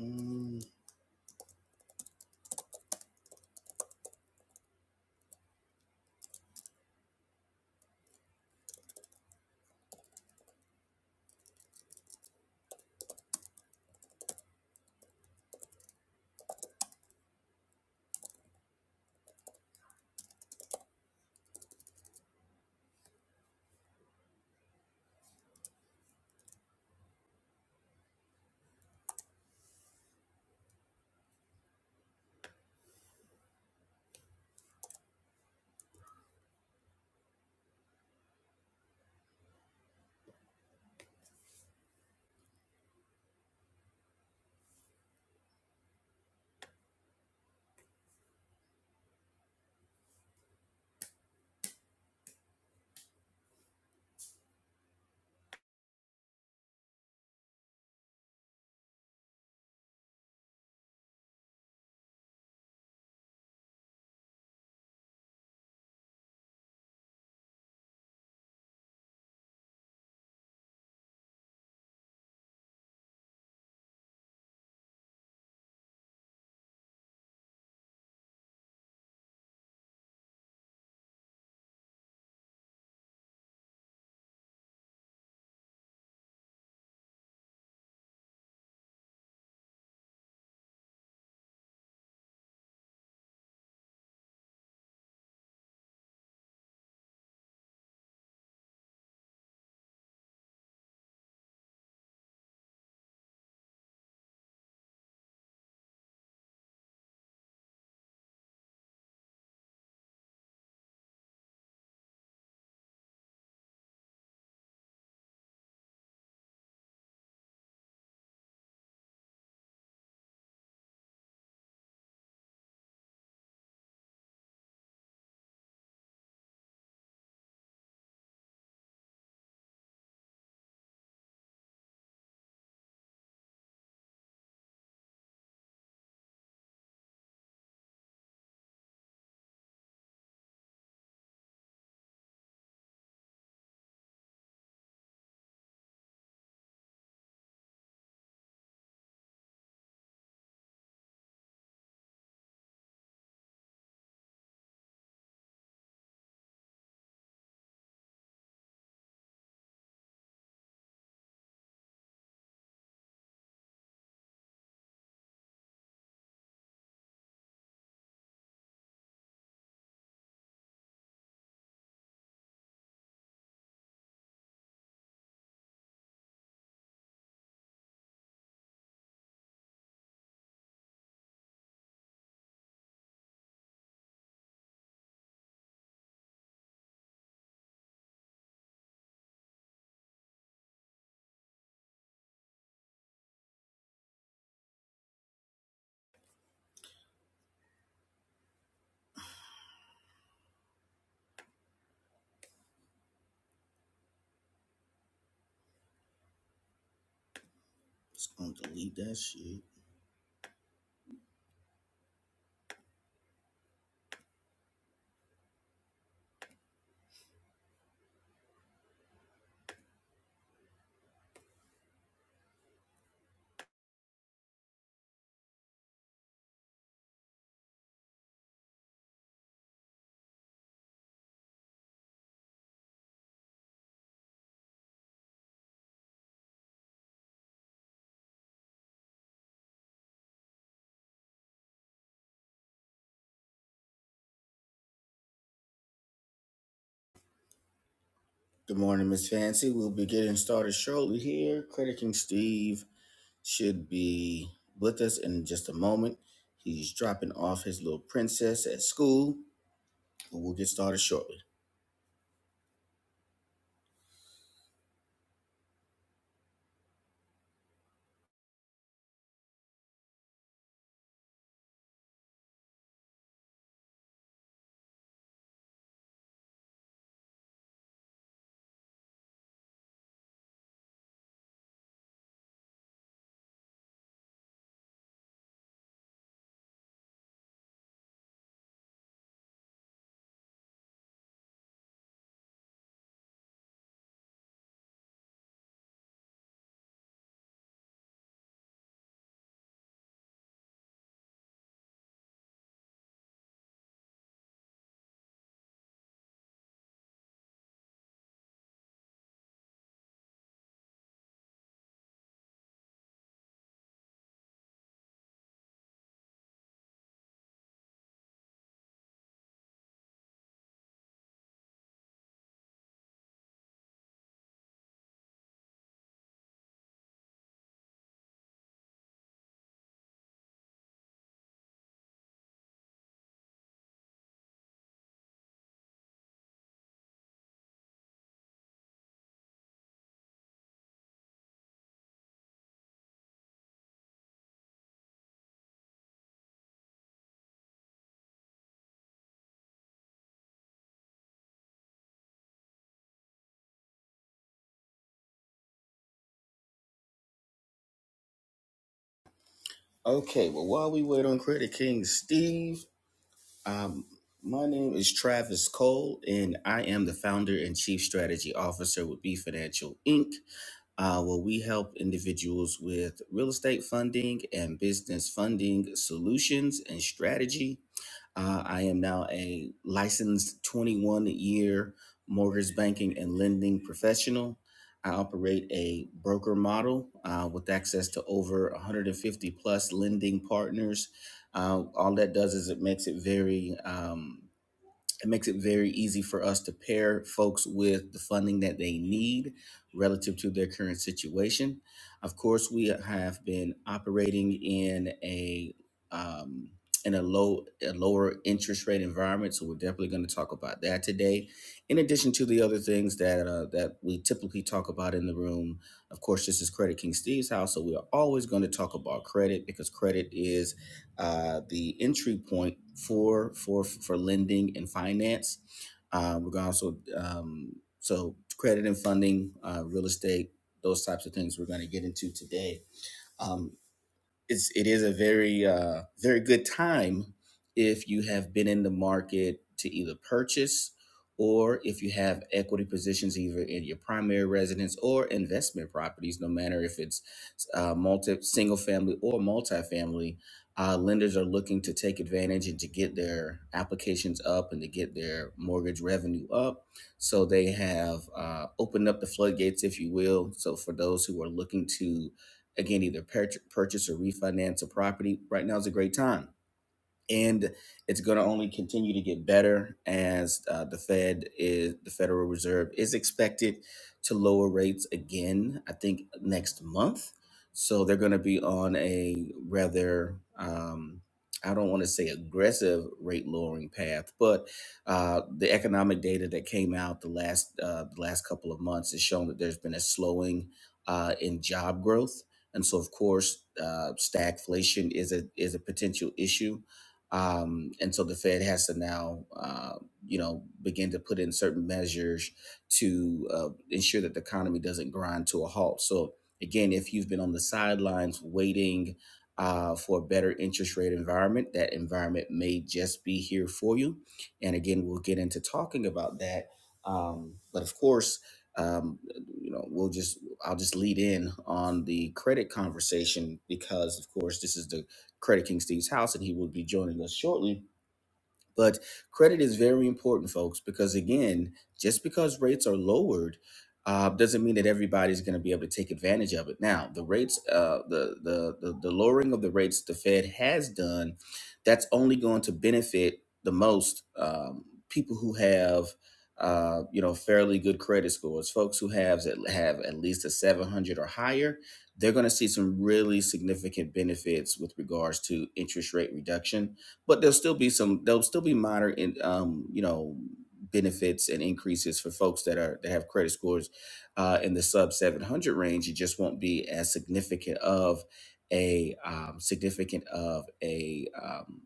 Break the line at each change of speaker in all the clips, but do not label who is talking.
Mm, just gonna delete that shit. Good morning, Miss Fancy. We'll be getting started shortly here. Credit King Steve should be with us in just a moment. He's dropping off his little princess at school, and we'll get started shortly. Okay, well, while we wait on Credit King Steve, um, my name is Travis Cole, and I am the founder and chief strategy officer with B Financial Inc. uh, where we help individuals with real estate funding and business funding solutions and strategy. Uh, I am now a licensed 21 year mortgage banking and lending professional. I operate a broker model uh, with access to over 150 plus lending partners. Uh, all that does is it makes it very um, it makes it very easy for us to pair folks with the funding that they need relative to their current situation. Of course, we have been operating in a um, in a low a lower interest rate environment, so we're definitely going to talk about that today. In addition to the other things that uh, that we typically talk about in the room, of course, this is Credit King Steve's house, so we are always going to talk about credit because credit is uh, the entry point for for for lending and finance. Uh, we're going to also um, so credit and funding, uh, real estate, those types of things we're going to get into today. Um, it's it is a very uh, very good time if you have been in the market to either purchase or if you have equity positions either in your primary residence or investment properties no matter if it's uh, multi single family or multifamily uh, lenders are looking to take advantage and to get their applications up and to get their mortgage revenue up so they have uh, opened up the floodgates if you will so for those who are looking to Again, either purchase or refinance a property. Right now is a great time and it's going to only continue to get better as uh, the Fed is the Federal Reserve is expected to lower rates again. I think next month, so they're going to be on a rather um, I don't want to say aggressive rate lowering path, but uh, the economic data that came out the last uh, the last couple of months has shown that there's been a slowing uh, in job growth. And so, of course, uh, stagflation is a is a potential issue um, and so the Fed has to now, uh, you know, begin to put in certain measures to uh, ensure that the economy doesn't grind to a halt. So again, if you've been on the sidelines waiting uh, for a better interest rate environment, that environment may just be here for you. And again, we'll get into talking about that. Um, but of course, um, you know, we'll just I'll just lead in on the credit conversation because, of course, this is the Credit King Steve's house, and he will be joining us shortly. But credit is very important, folks, because again, just because rates are lowered uh, doesn't mean that everybody's going to be able to take advantage of it. Now, the rates, uh, the, the the the lowering of the rates the Fed has done, that's only going to benefit the most um, people who have. Uh, you know, fairly good credit scores. Folks who have have at least a 700 or higher, they're going to see some really significant benefits with regards to interest rate reduction but there'll still be some there'll still be minor in um you know benefits and increases for folks that are that have credit scores uh in the sub 700 range it just won't be as significant of a um, significant of a um,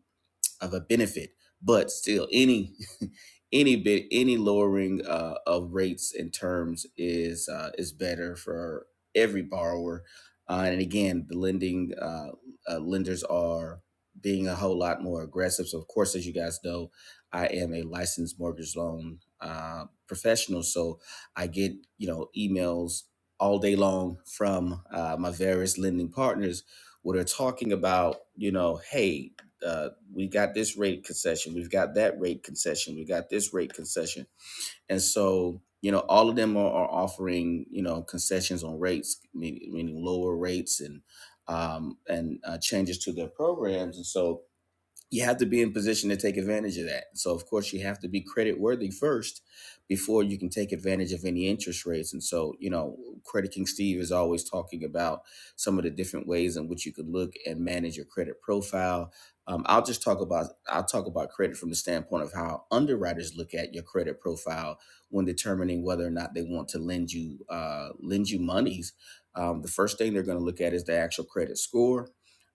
of a benefit, but still any any bit any lowering uh, of rates and terms is uh, is better for every borrower. Uh, and again, the lending uh, uh, lenders are being a whole lot more aggressive. So, of course, as you guys know, I am a licensed mortgage loan uh, professional, so I get you know emails all day long from uh, my various lending partners, what are talking about you know, hey. uh, we got this rate concession we've got that rate concession we got this rate concession and so you know all of them are, are offering you know concessions on rates meaning, meaning lower rates and um, and uh, changes to their programs and so you have to be in position to take advantage of that. So of course you have to be credit worthy first before you can take advantage of any interest rates. And so, you know, Credit King Steve is always talking about some of the different ways in which you could look and manage your credit profile. Um, I'll just talk about I'll talk about credit from the standpoint of how underwriters look at your credit profile when determining whether or not they want to lend you uh, lend you monies. Um, the first thing they're going to look at is the actual credit score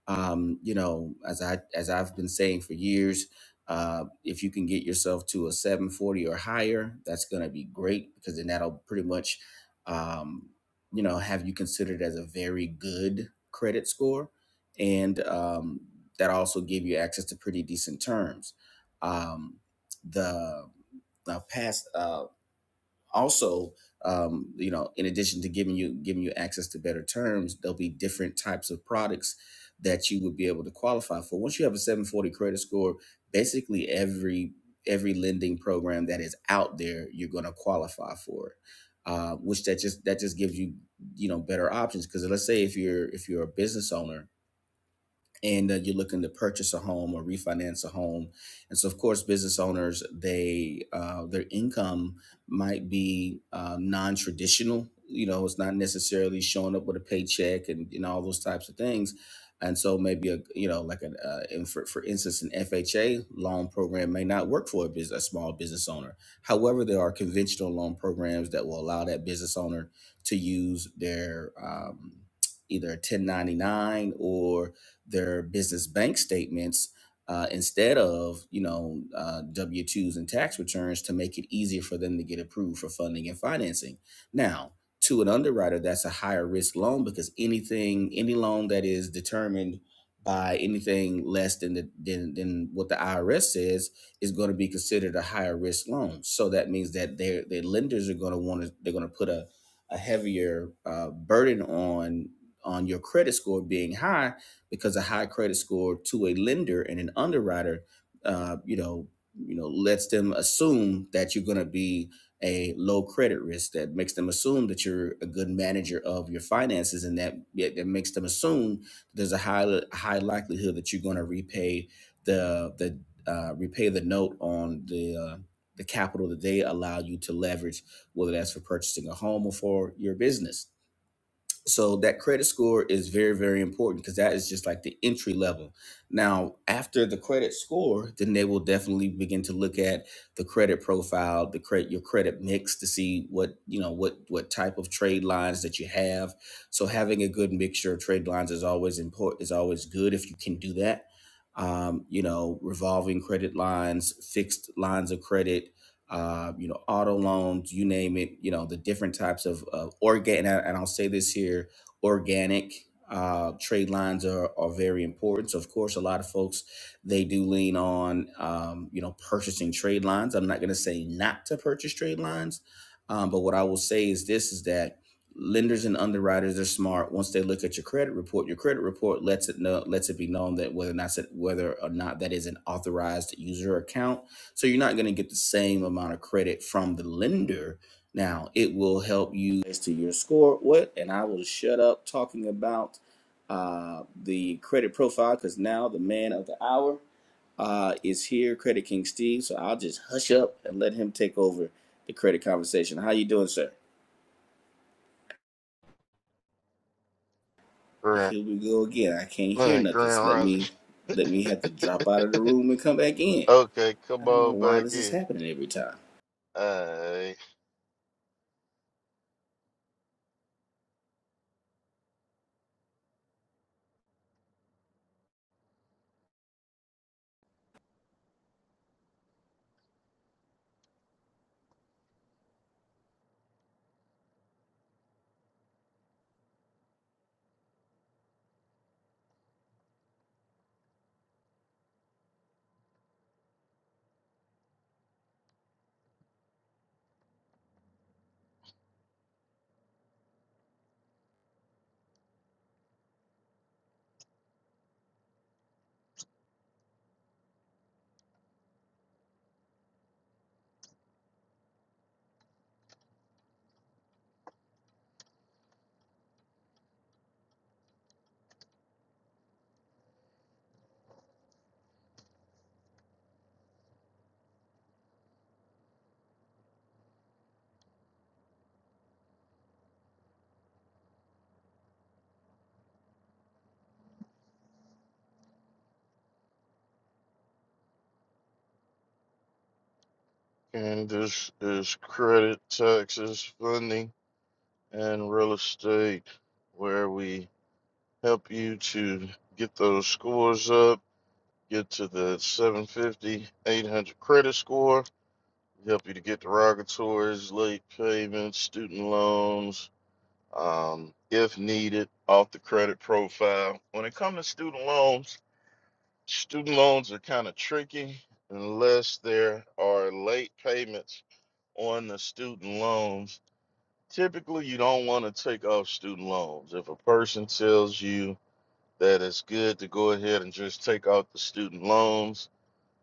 um, you know, as I as I've been saying for years, uh, if you can get yourself to a 740 or higher, that's going to be great because then that'll pretty much, um, you know, have you considered as a very good credit score, and um, that also give you access to pretty decent terms. Um, the now past uh, also um, you know in addition to giving you giving you access to better terms there'll be different types of products that you would be able to qualify for once you have a 740 credit score basically every every lending program that is out there you're going to qualify for it uh, which that just that just gives you you know better options because let's say if you're if you're a business owner and uh, you're looking to purchase a home or refinance a home and so of course business owners they uh, their income might be uh, non-traditional you know it's not necessarily showing up with a paycheck and, and all those types of things and so maybe a you know like an uh, in for, for instance an fha loan program may not work for a business a small business owner however there are conventional loan programs that will allow that business owner to use their um, either 1099 or their business bank statements uh, instead of you know uh, W twos and tax returns to make it easier for them to get approved for funding and financing. Now, to an underwriter, that's a higher risk loan because anything any loan that is determined by anything less than the, than, than what the IRS says is going to be considered a higher risk loan. So that means that their their lenders are going to want to they're going to put a a heavier uh, burden on on your credit score being high because a high credit score to a lender and an underwriter, uh, you know, you know, lets them assume that you're going to be a low credit risk. That makes them assume that you're a good manager of your finances, and that yeah, that makes them assume that there's a high high likelihood that you're going to repay the the uh, repay the note on the uh, the capital that they allow you to leverage, whether that's for purchasing a home or for your business so that credit score is very very important because that is just like the entry level now after the credit score then they will definitely begin to look at the credit profile the credit your credit mix to see what you know what what type of trade lines that you have so having a good mixture of trade lines is always important is always good if you can do that um, you know revolving credit lines fixed lines of credit uh, you know, auto loans, you name it, you know, the different types of, of organic, and, I, and I'll say this here, organic uh, trade lines are, are very important. So, of course, a lot of folks, they do lean on, um, you know, purchasing trade lines. I'm not going to say not to purchase trade lines, um, but what I will say is this, is that lenders and underwriters are smart. Once they look at your credit report, your credit report lets it know, lets it be known that whether or not, whether or not that is an authorized user account so you're not going to get the same amount of credit from the lender. Now, it will help you as to your score. What? And I will shut up talking about uh, the credit profile because now the man of the hour uh, is here, Credit King Steve. So I'll just hush up and let him take over the credit conversation. How you doing, sir?
Grand,
Here we go again. I can't hear
man,
nothing.
Grand
So let
Rising.
me let me have to drop out of the room and come back in.
okay,
I
come
don't know
on
why
back
this is
in.
happening every time.
I and this is credit, taxes, funding, and real estate, where we help you to get those scores up, get to the 750, 800 credit score. We help you to get derogatories, late payments, student loans, um, if needed, off the credit profile. When it comes to student loans, student loans are kind of tricky unless there are late payments on the student loans. Typically, you don't want to take off student loans. If a person tells you that it's good to go ahead and just take out the student loans,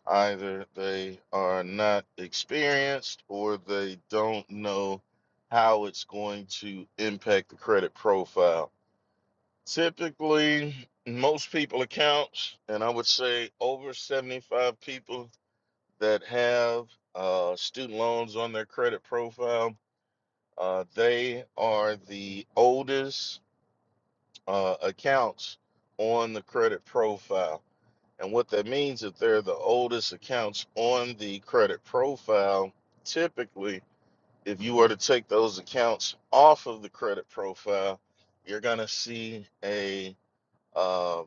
either they are not experienced or they don't know how it's going to impact the credit profile Typically, most people accounts, and I would say over 75 people that have uh, student loans on their credit profile, uh, they are the oldest uh, accounts on the credit profile. And what that means is they're the oldest accounts on the credit profile. Typically, if you were to take those accounts off of the credit profile, you're going to see a um,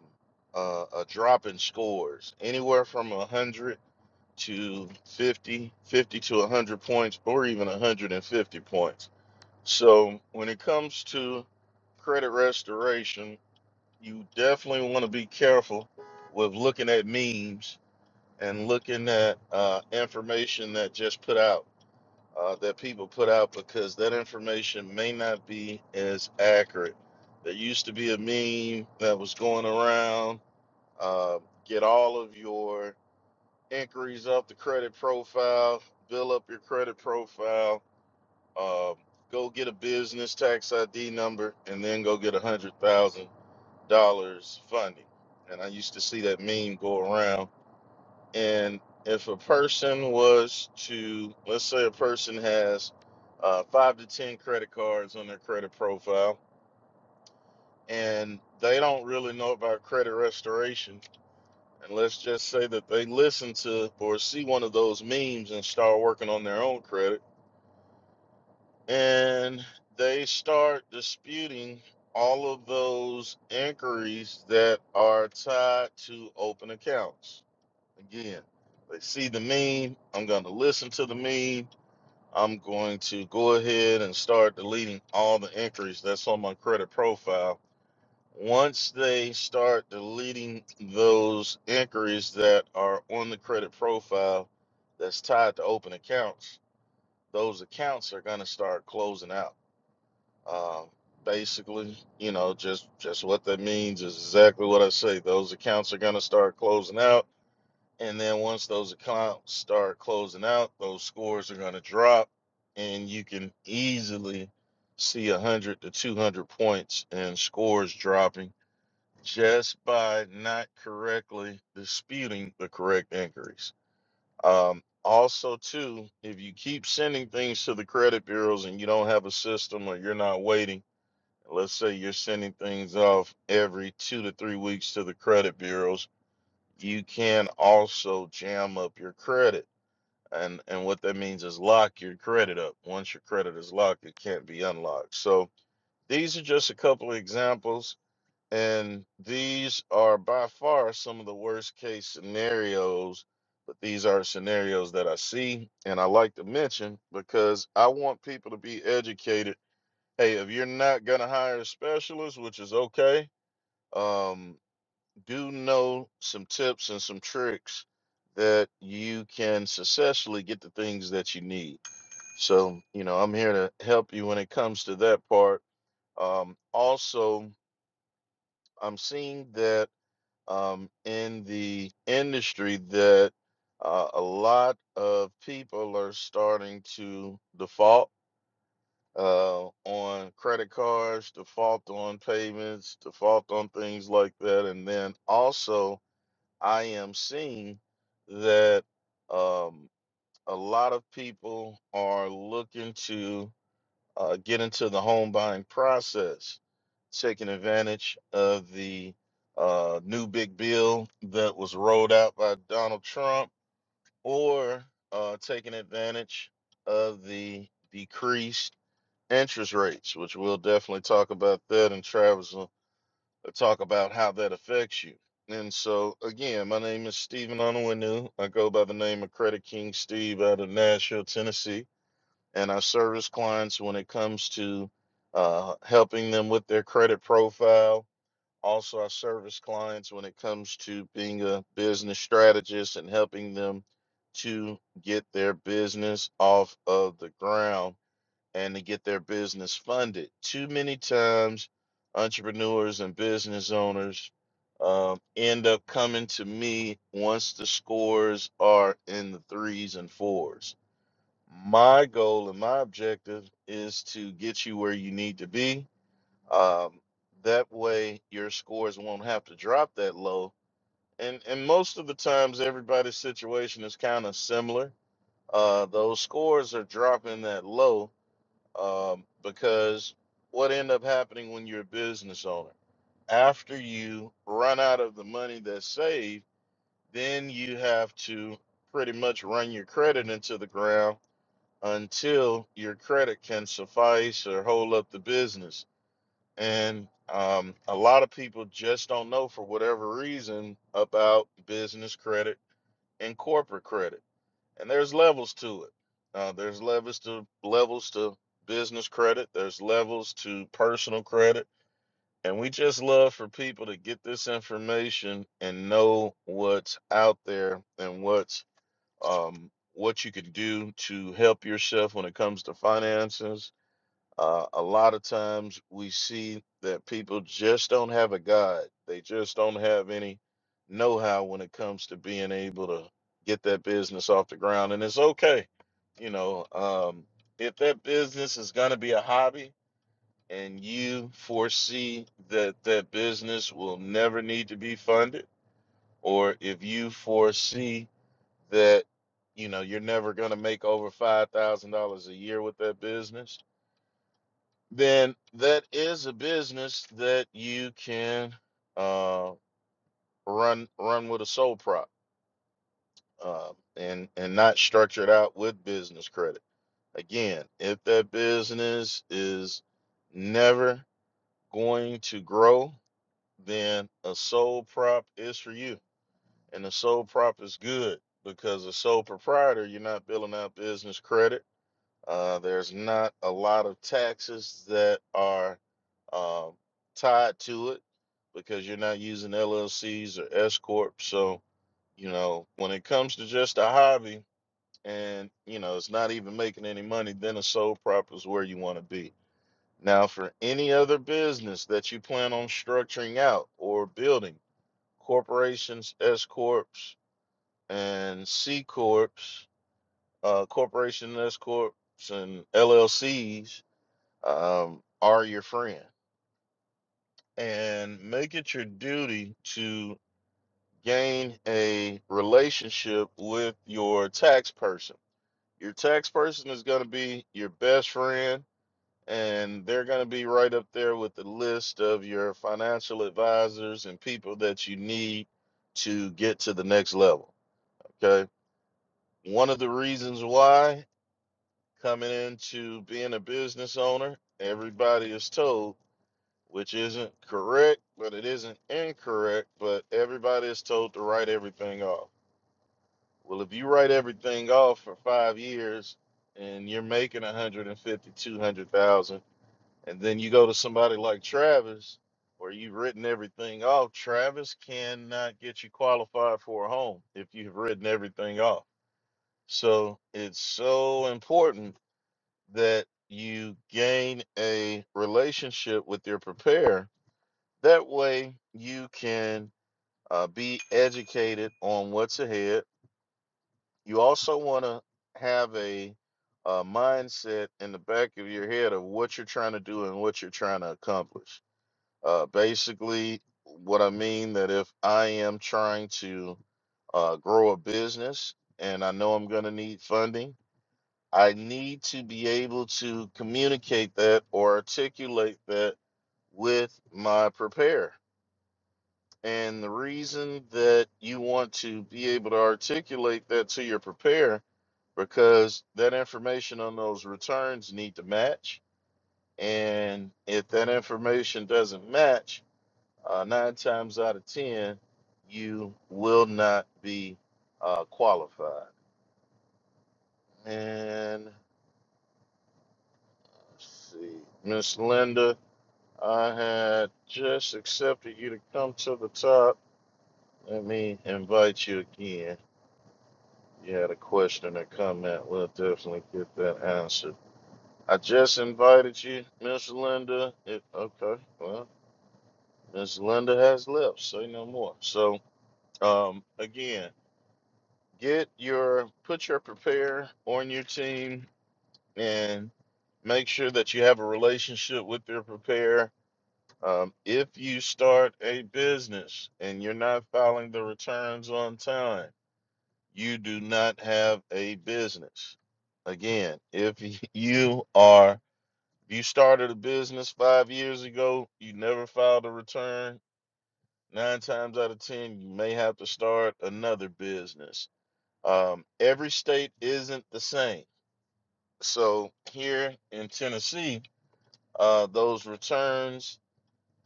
uh, a drop in scores, anywhere from 100 to fifty, fifty 50 to 100 points, or even 150 points. So when it comes to credit restoration, you definitely want to be careful with looking at memes and looking at uh, information that just put out. Uh, that people put out because that information may not be as accurate. There used to be a meme that was going around uh, get all of your inquiries up the credit profile, build up your credit profile. Um, go get a business tax ID number, and then go get a hundred thousand dollars funding. And I used to see that meme go around. And if a person was to, let's say, a person has uh, five to ten credit cards on their credit profile, and they don't really know about credit restoration And let's just say that they listen to or see one of those memes and start working on their own credit. And they start disputing all of those inquiries that are tied to open accounts. Again, they see the meme. I'm going to listen to the meme. I'm going to go ahead and start deleting all the inquiries that's on my credit profile once they start deleting those inquiries that are on the credit profile that's tied to open accounts, those accounts are going to start closing out. Uh, basically, you know, just just what that means is exactly what I say. Those accounts are going to start closing out, and then once those accounts start closing out, those scores are going to drop, and you can easily see 100 to 200 points and scores dropping just by not correctly disputing the correct inquiries. Um, also, too, if you keep sending things to the credit bureaus and you don't have a system or you're not waiting, let's say you're sending things off every two to three weeks to the credit bureaus, you can also jam up your credit. And, and what that means is lock your credit up. Once your credit is locked, it can't be unlocked. So these are just a couple of examples and these are by far some of the worst case scenarios, but these are scenarios that I see and I like to mention because I want people to be educated. Hey, if you're not going to hire a specialist, which is okay, um, do know some tips and some tricks that you can successfully get the things that you need. So, you know, I'm here to help you when it comes to that part. Um, also, I'm seeing that um, in the industry that uh, a lot of people are starting to default uh, on credit cards, default on payments, default on things like that. And then also, I am seeing that um, a lot of people are looking to uh, get into the home buying process taking advantage of the uh, new big bill that was rolled out by Donald Trump, or uh, taking advantage of the decreased interest rates, which we'll definitely talk about that, and Travis will uh, talk about how that affects you. And so, again, my name is Stephen Onwenu. I go by the name of Credit King Steve out of Nashville, Tennessee, and I service clients when it comes to uh, helping them with their credit profile also I service clients when it comes to being a business strategist and helping them to get their business off of the ground and to get their business funded. Too many times, entrepreneurs and business owners um, end up coming to me once the scores are in the threes and fours. My goal and my objective is to get you where you need to be um, that way, your scores won't have to drop that low. And and most of the times, everybody's situation is kind of similar. Uh, those scores are dropping that low um, because what end up happening when you're a business owner after you run out of the money that's saved, then you have to pretty much run your credit into the ground until your credit can suffice or hold up the business and um, a lot of people just don't know, for whatever reason, about business credit and corporate credit. And there's levels to it. Uh, there's levels to levels to business credit. There's levels to personal credit. And we just love for people to get this information and know what's out there and what's um, what you can do to help yourself when it comes to finances uh, a lot of times we see that people just don't have a guide. They just don't have any know how when it comes to being able to get that business off the ground. And it's okay. You know, um, if that business is going to be a hobby and you foresee that that business will never need to be funded, or if you foresee that, you know, you're never going to make over $5,000 a year with that business then that is a business that you can uh, run run with a sole prop uh, and and not structure it out with business credit. Again, if that business is never going to grow, then a sole prop is for you, and a sole prop is good because a sole proprietor you're not building out business credit Uh, there's not a lot of taxes that are um, tied to it because you're not using LLCs or S corp. So, you know, when it comes to just a hobby and you know it's not even making any money, then a sole prop is where you want to be. Now, for any other business that you plan on structuring out or building, corporations, S corps, and C corps, uh, corporation S corps, and LLCs um, are your friend and make it your duty to gain a relationship with your tax person. Your tax person is going to be your best friend, and they're going to be right up there with the list of your financial advisors and people that you need to get to the next level. Okay. One of the reasons why coming into being a business owner, everybody is told which isn't correct, but it isn't incorrect. But everybody is told to write everything off. Well, if you write everything off for five years and you're making 150, 200,000, and then you go to somebody like Travis, where you've written everything off, Travis cannot get you qualified for a home if you've written everything off. So it's so important that you gain a relationship with your preparer that way you can uh, be educated on what's ahead. You also want to have a, uh mindset in the back of your head of what you're trying to do and what you're trying to accomplish. Uh, basically, what I mean that if I am trying to uh, grow a business and I know I'm going to need funding, I need to be able to communicate that or articulate that with my prepare. And the reason that you want to be able to articulate that to your preparer, because that information on those returns need to match. And if that information doesn't match, uh, nine times out of 10, you will not be uh, qualified. And let's see, Miss Linda, I had just accepted you to come to the top. Let me invite you again. Yeah, the question and comment, we'll definitely get that answered. I just invited you, Miss Linda. It, okay, well, Miss Linda has left. Say no more. So, um, again, get your put your prepare on your team and make sure that you have a relationship with your prepare. Um, if you start a business and you're not filing the returns on time you do not have a business. Again, if you are if you started a business five years ago, you never filed a return. Nine times out of ten, you may have to start another business. Um, every state isn't the same. So here in Tennessee, uh, those returns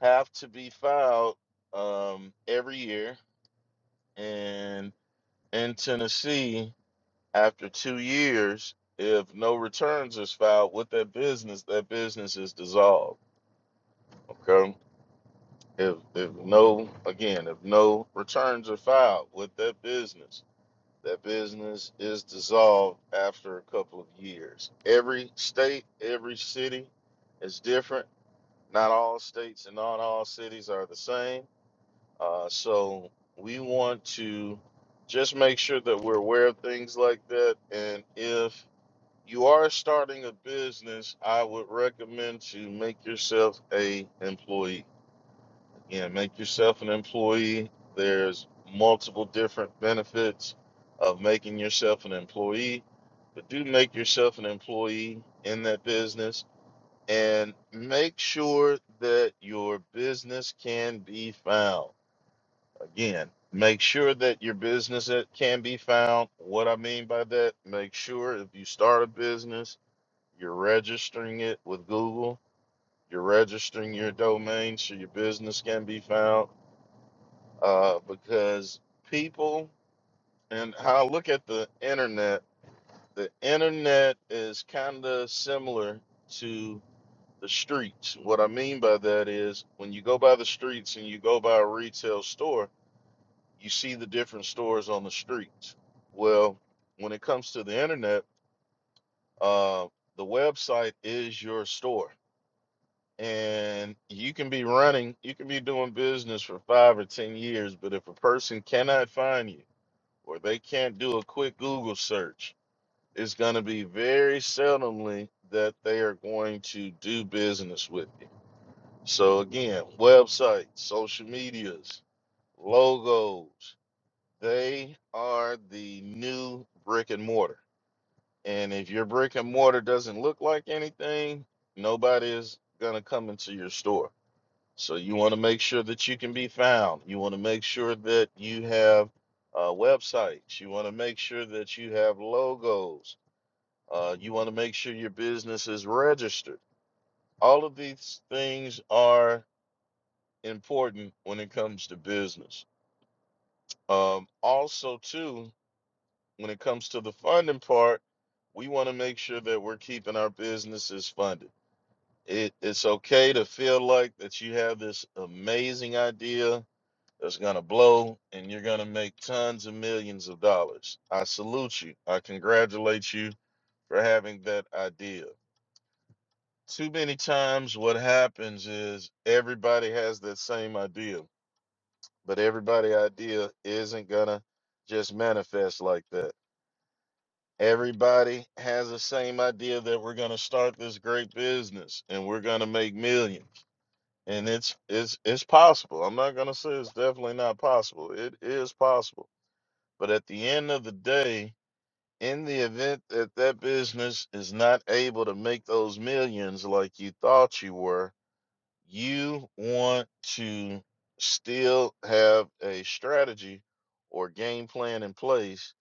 have to be filed um, every year, and in Tennessee. After two years, if no returns is filed with that business, that business is dissolved. Okay. If if no again, if no returns are filed with that business, that business is dissolved after a couple of years. Every state, every city is different. Not all states and not all cities are the same. Uh, so we want to just make sure that we're aware of things like that. And if you are starting a business, I would recommend to make yourself a employee. Again, make yourself an employee. There's multiple different benefits of making yourself an employee, but do make yourself an employee in that business and make sure that your business can be found. Again, make sure that your business that can be found. What I mean by that, make sure if you start a business you're registering it with Google. You're registering your domain so your business can be found. Uh, because people and how I look at the internet, the internet is kind of similar to the streets. What I mean by that is when you go by the streets and you go by a retail store, you see the different stores on the streets. Well, when it comes to the internet, uh, the website is your store and you can be running, you can be doing business for five or 10 years, but if a person cannot find you or they can't do a quick Google search, it's going to be very seldomly that they are going to do business with you. So, again, websites, social medias, logos, they are the new brick and mortar. And if your brick and mortar doesn't look like anything, nobody is going to come into your store. So you want to make sure that you can be found. You want to make sure that you have uh, websites. You want to make sure that you have logos. Uh, you want to make sure your business is registered. All of these things are important when it comes to business. Um, also, too, when it comes to the funding part, we want to make sure that we're keeping our businesses funded. It, it's okay to feel like that you have this amazing idea that's gonna blow and you're gonna make tons of millions of dollars. I salute you. I congratulate you for having that idea. Too many times what happens is everybody has that same idea, but everybody idea isn't gonna just manifest like that. Everybody has the same idea that we're gonna start this great business and we're gonna make millions. And it's it's it's possible. I'm not gonna say it's definitely not possible. It is possible But at the end of the day, in the event that that business is not able to make those millions like you thought you were, you want to still have a strategy or game plan in place.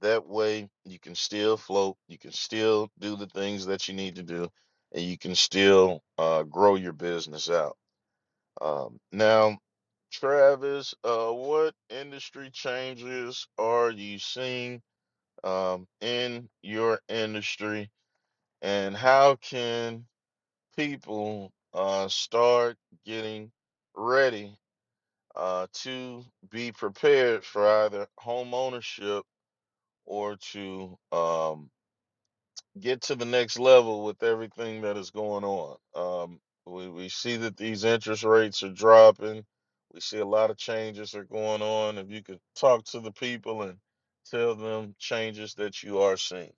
That way, you can still float, you can still do the things that you need to do, and you can still uh, grow your business out. Um, now, Travis, uh, what industry changes are you seeing? um, in your industry and how can people uh, start getting ready uh, to be prepared for either home ownership or to um, get to the next level with everything that is going on. Um, we, we see that these interest rates are dropping. We see a lot of changes are going on. If you could talk to the people and tell them changes that you are seeing.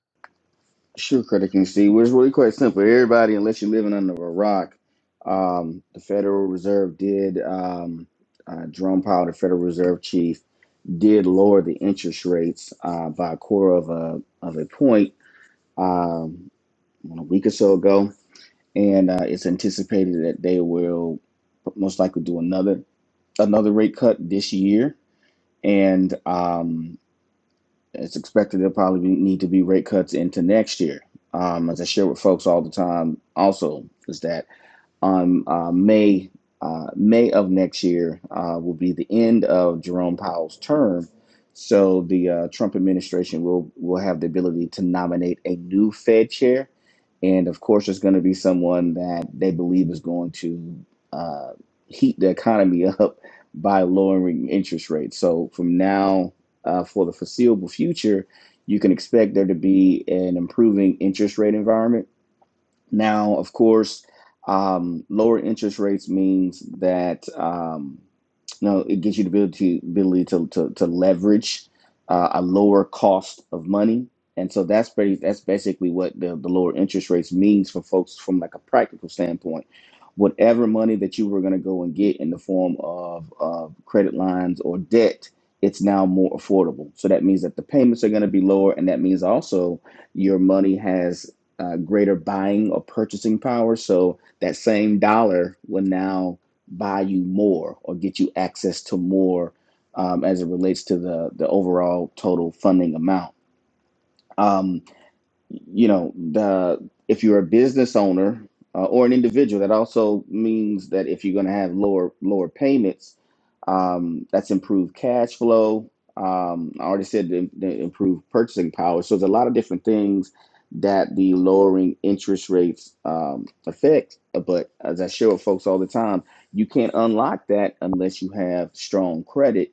Sure, Credit King Steve. Well, It's really quite simple. Everybody, unless you're living under a rock, um, the Federal Reserve did, um, uh, Jerome Powell, the Federal Reserve chief, did lower the interest rates uh, by a quarter of a of a point um, a week or so ago, and uh, it's anticipated that they will most likely do another another rate cut this year, and. Um, it's expected there'll probably be, need to be rate cuts into next year. Um, as I share with folks all the time, also is that on um, uh, May uh, May of next year uh, will be the end of Jerome Powell's term. So the uh, Trump administration will will have the ability to nominate a new Fed chair, and of course, it's going to be someone that they believe is going to uh, heat the economy up by lowering interest rates. So from now uh, for the foreseeable future, you can expect there to be an improving interest rate environment now, of course, um, lower interest rates means that um, you know, it gives you the ability ability to to, to leverage uh, a lower cost of money, and so that's pretty, that's basically what the, the lower interest rates means for folks from like a practical standpoint. Whatever money that you were going to go and get in the form of, of credit lines or debt, it's now more affordable. So that means that the payments are going to be lower, and that means also your money has uh, greater buying or purchasing power. So that same dollar will now buy you more or get you access to more um, as it relates to the, the overall total funding amount. Um, you know the if you're a business owner uh, or an individual that also means that if you're going to have lower lower payments um, that's improved cash flow um, i already said the, the improved purchasing power so there's a lot of different things that the lowering interest rates um, affect but as i share with folks all the time you can't unlock that unless you have strong credit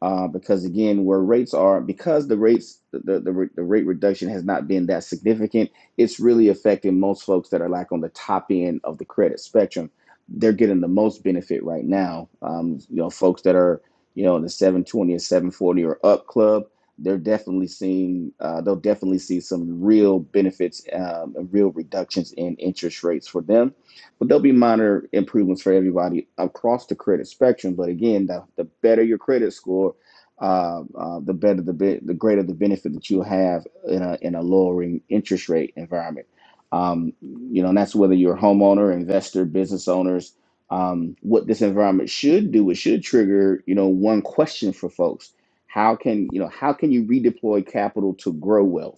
uh, because again, where rates are, because the rates, the, the, the rate reduction has not been that significant, it's really affecting most folks that are like on the top end of the credit spectrum. They're getting the most benefit right now. Um, you know, folks that are, you know, in the 720 or 740 or up club, they're definitely seeing, uh, they'll definitely see some real benefits, um, real reductions in interest rates for them but there'll be minor improvements for everybody across the credit spectrum. But again, the, the better your credit score, uh, uh, the better the be- the greater the benefit that you'll have in a in a lowering interest rate environment. Um, you know, and that's whether you're a homeowner, investor, business owners. Um, what this environment should do it should trigger you know one question for folks: How can you know how can you redeploy capital to grow wealth?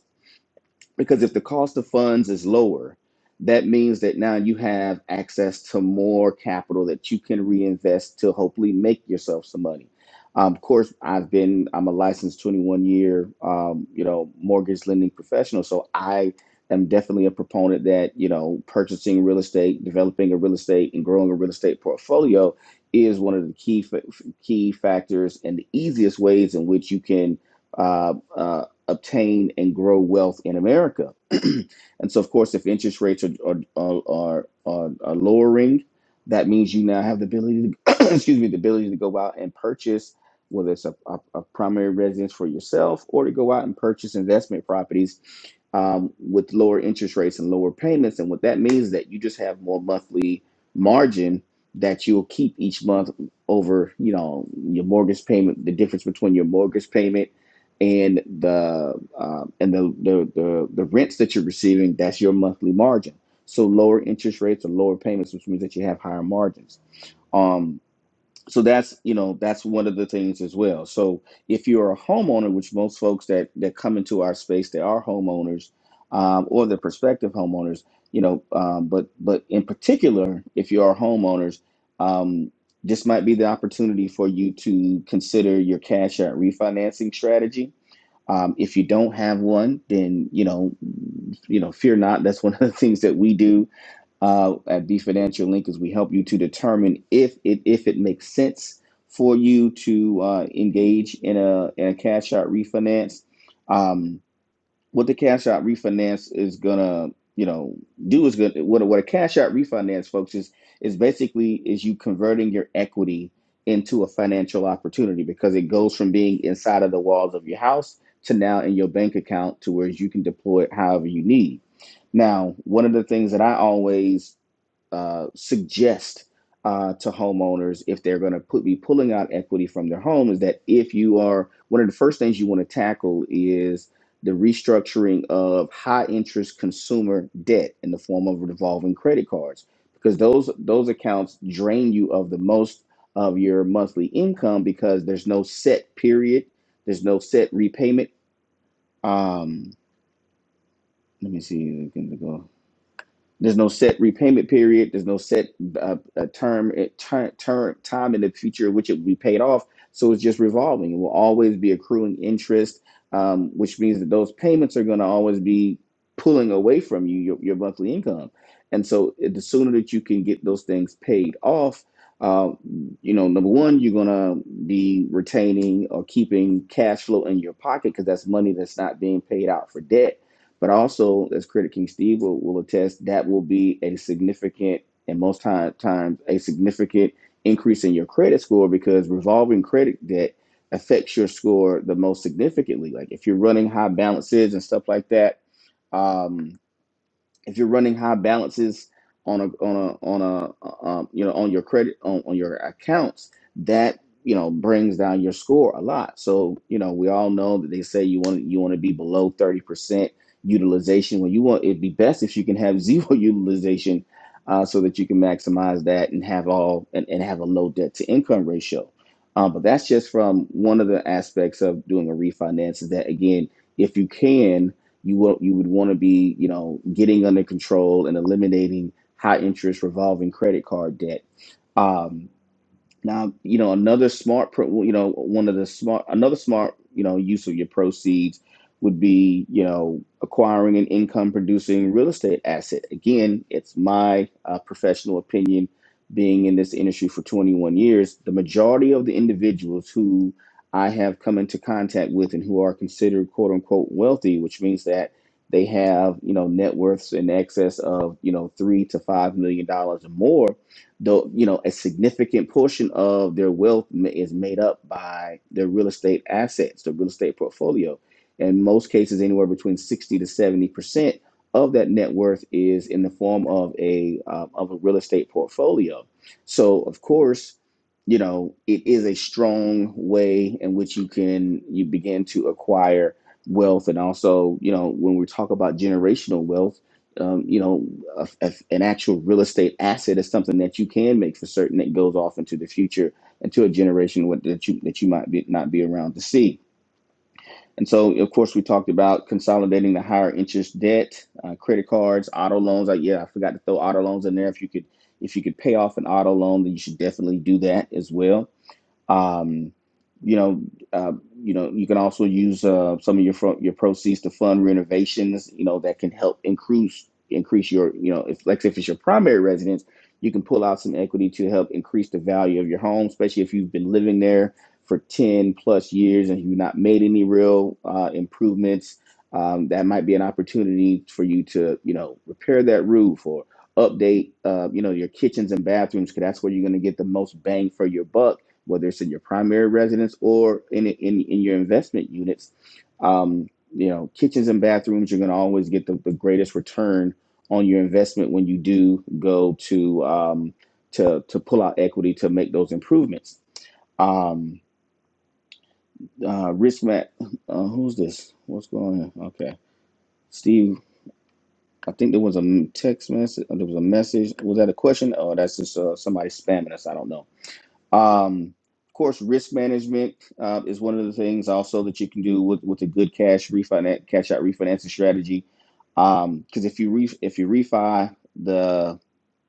because if the cost of funds is lower that means that now you have access to more capital that you can reinvest to hopefully make yourself some money um, of course i've been i'm a licensed 21 year um, you know mortgage lending professional so i am definitely a proponent that you know purchasing real estate developing a real estate and growing a real estate portfolio is one of the key fa- key factors and the easiest ways in which you can uh, uh, obtain and grow wealth in America. and so, of course, if interest rates are are, are, are, are lowering, that means you now have the ability to excuse me the ability to go out and purchase whether it's a, a, a primary residence for yourself or to go out and purchase investment properties um, with lower interest rates and lower payments. And what that means is that you just have more monthly margin that you'll keep each month over, you know, your mortgage payment, the difference between your mortgage payment and the um, and the, the the the rents that you're receiving that's your monthly margin so lower interest rates or lower payments which means that you have higher margins um so that's you know that's one of the things as well so if you're a homeowner which most folks that that come into our space they are homeowners um, or they're prospective homeowners you know um, but but in particular if you are homeowners um, this might be the opportunity for you to consider your cash out refinancing strategy um, if you don't have one, then you know, you know, fear not. That's one of the things that we do uh, at B Financial Link is we help you to determine if it if it makes sense for you to uh, engage in a in a cash out refinance. Um, what the cash out refinance is gonna you know do is gonna what a, what a cash out refinance folks is is basically is you converting your equity into a financial opportunity because it goes from being inside of the walls of your house to now in your bank account to where you can deploy it however you need now one of the things that i always uh, suggest uh, to homeowners if they're going to put be pulling out equity from their home is that if you are one of the first things you want to tackle is the restructuring of high interest consumer debt in the form of revolving credit cards because those those accounts drain you of the most of your monthly income because there's no set period there's no set repayment um let me see Can we go? There's no set repayment period. There's no set uh, uh term, term, term, time in the future in which it will be paid off. So it's just revolving. It will always be accruing interest, um, which means that those payments are going to always be pulling away from you your, your monthly income. And so it- the sooner that you can get those things paid off, uh, you know, number one, you're going to be retaining or keeping cash flow in your pocket because that's money that's not being paid out for debt but also, as Critic King Steve will, will attest, that will be a significant and most time, times a significant increase in your credit score because revolving credit debt affects your score the most significantly. Like if you're running high balances and stuff like that, um, if you're running high balances on a on a on a uh, um, you know on your credit on, on your accounts that you know brings down your score a lot so you know we all know that they say you want you want to be below 30% utilization when you want it'd be best if you can have zero utilization uh, so that you can maximize that and have all and, and have a low debt to income ratio um, but that's just from one of the aspects of doing a refinance is that again if you can you will you would want to be you know getting under control and eliminating high interest revolving credit card debt. Um, now, you know, another smart, pro, you know, one of the smart, another smart, you know, use of your proceeds would be, you know, acquiring an income producing real estate asset. Again, it's my uh, professional opinion, being in this industry for 21 years, the majority of the individuals who I have come into contact with and who are considered quote unquote wealthy, which means that they have, you know, net worths in excess of, you know, three to five million dollars or more though you know a significant portion of their wealth is made up by their real estate assets their real estate portfolio in most cases anywhere between 60 to 70 percent of that net worth is in the form of a uh, of a real estate portfolio so of course you know it is a strong way in which you can you begin to acquire wealth and also you know when we talk about generational wealth um, you know, a, a- an actual real estate asset is something that you can make for certain that goes off into the future into a generation what, that you that you might be, not be around to see. And so, of course, we talked about consolidating the higher interest debt, uh, credit cards, auto loans. Like, yeah, I forgot to throw auto loans in there. If you could, if you could pay off an auto loan, then you should definitely do that as well um, you know, uh, you know, you can also use uh, some of your fro- your proceeds to fund renovations. You know, that can help increase increase your you know, if like if it's your primary residence, you can pull out some equity to help increase the value of your home, especially if you've been living there for ten plus years and you've not made any real uh, improvements. Um, that might be an opportunity for you to you know repair that roof or update uh, you know your kitchens and bathrooms because that's where you're going to get the most bang for your buck whether it's in your primary residence or in in, in your investment units. Um, you know, kitchens and bathrooms, you're going to always get the, the greatest return on your investment when you do go to um, to to pull out equity to make those improvements. Um, uh, Rich Mac, uh, who's this? What's going on? Okay, Steve. I think there was a text message. There was a message. Was that a question? Oh, that's just uh, somebody spamming us. I don't know. Um, of course, risk management uh, is one of the things also that you can do with, with a good cash refinance, cash out refinancing strategy. Because um, if you re- if you refi the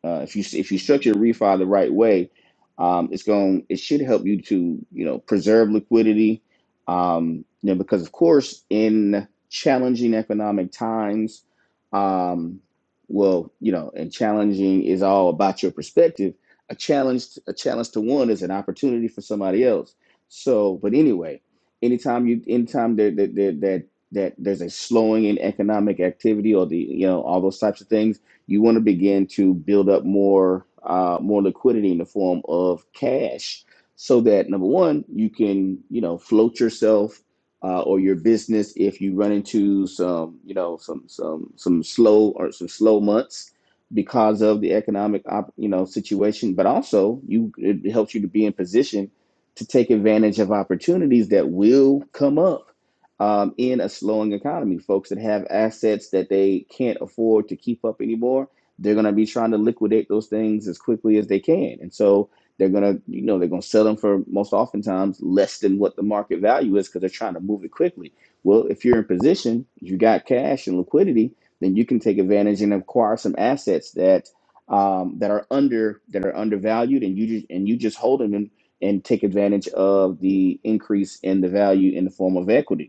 uh, if you if you structure the refi the right way, um, it's going it should help you to you know preserve liquidity. Um, you know because of course in challenging economic times, um, well you know and challenging is all about your perspective. A challenge a challenge to one is an opportunity for somebody else. So but anyway, anytime you anytime that that that that that there's a slowing in economic activity or the you know all those types of things you want to begin to build up more uh, more liquidity in the form of cash so that number one you can you know float yourself uh, or your business if you run into some you know some some some slow or some slow months because of the economic op, you know situation but also you it helps you to be in position to take advantage of opportunities that will come up um, in a slowing economy. Folks that have assets that they can't afford to keep up anymore, they're going to be trying to liquidate those things as quickly as they can. And so they're going to, you know, they're going to sell them for most oftentimes less than what the market value is because they're trying to move it quickly. Well, if you're in position, you got cash and liquidity, then you can take advantage and acquire some assets that um, that are under that are undervalued, and you just and you just hold them and, and take advantage of the increase in the value in the form of equity.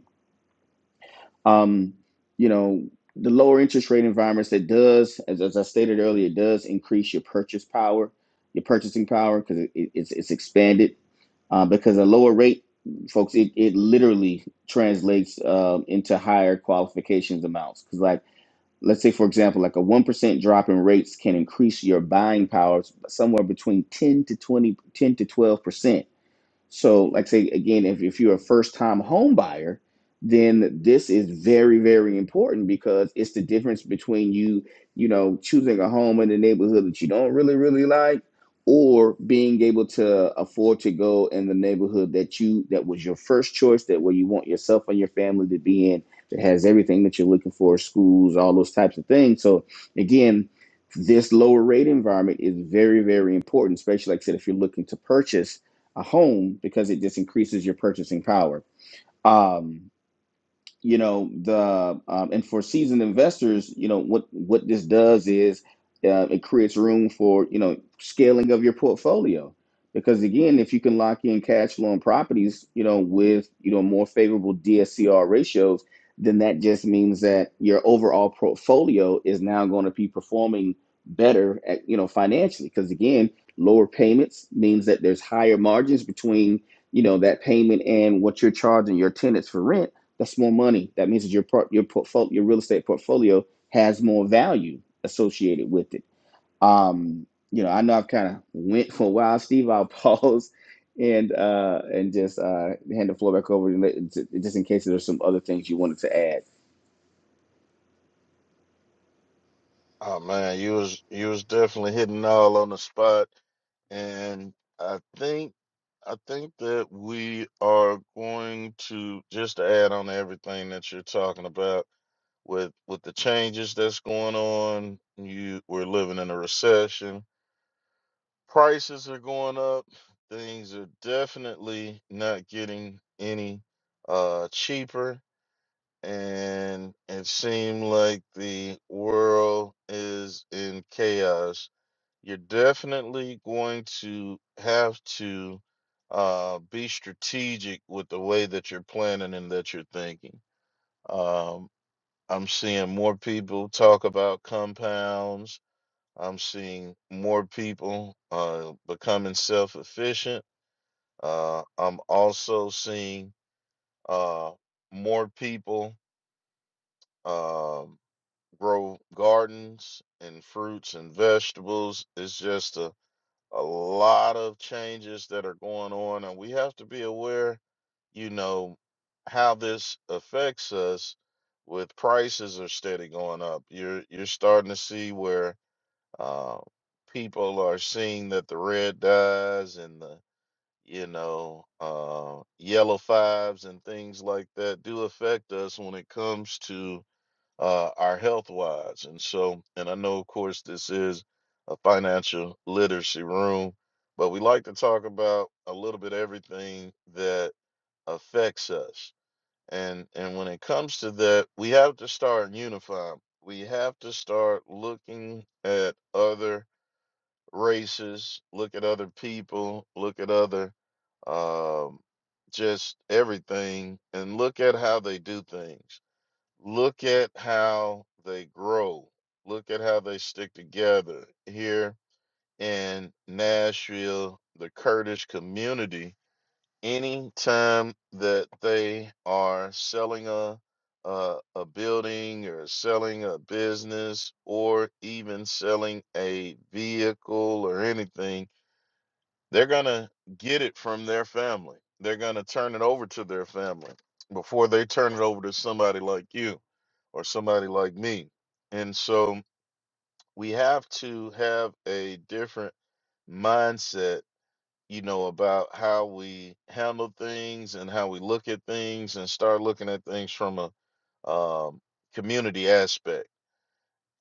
Um, you know, the lower interest rate environments that does, as, as I stated earlier, it does increase your purchase power, your purchasing power because it, it- it's it's expanded. Uh, because a lower rate, folks, it, it literally translates uh, into higher qualifications amounts. Because like, let's say for example, like a one percent drop in rates can increase your buying power somewhere between 10 to 20 10 to 12%. So, like say again, if, if you're a first time home buyer, then this is very, very important because it's the difference between you, you know, choosing a home in the neighborhood that you don't really, really like, or being able to afford to go in the neighborhood that you that was your first choice, that where you want yourself and your family to be in, that has everything that you're looking for, schools, all those types of things. So again, this lower rate environment is very, very important, especially like I said, if you're looking to purchase a home because it just increases your purchasing power. Um, you know the um, and for seasoned investors you know what what this does is uh, it creates room for you know scaling of your portfolio because again if you can lock in cash flow and properties you know with you know more favorable dscr ratios then that just means that your overall portfolio is now going to be performing better at you know financially because again lower payments means that there's higher margins between you know that payment and what you're charging your tenants for rent that's more money. That means that your part, your portfolio, your real estate portfolio has more value associated with it. Um, you know, I know I've kind of went for a while, Steve. I'll pause and uh, and just uh, hand the floor back over, and let, just in case there's some other things you wanted to add.
Oh man, you was you was definitely hitting all on the spot, and I think I think that we are going to just to add on to everything that you're talking about with with the changes that's going on. You we're living in a recession. Prices are going up. Things are definitely not getting any uh cheaper and it seemed like the world is in chaos you're definitely going to have to uh, be strategic with the way that you're planning and that you're thinking. Um, I'm seeing more people talk about compounds. I'm seeing more people uh, becoming self efficient. Uh, I'm also seeing uh, more people um grow gardens and fruits and vegetables. It's just a a lot of changes that are going on, and we have to be aware, you know, how this affects us. With prices are steady going up, you're you're starting to see where uh, people are seeing that the red dyes and the you know uh, yellow fives and things like that do affect us when it comes to uh, our health wise. And so, and I know, of course, this is a financial literacy room, but we like to talk about a little bit everything that affects us. And and when it comes to that, we have to start unifying. We have to start looking at other races, look at other people, look at other um, just everything, and look at how they do things Look at how they grow. Look at how they stick together here in Nashville, the Kurdish community. Anytime that they are selling a a, a building or selling a business or even selling a vehicle or anything they're going to get it from their family. They're going to turn it over to their family before they turn it over to somebody like you or somebody like me. And so we have to have a different mindset, you know, about how we handle things and how we look at things and start looking at things from a um, community aspect.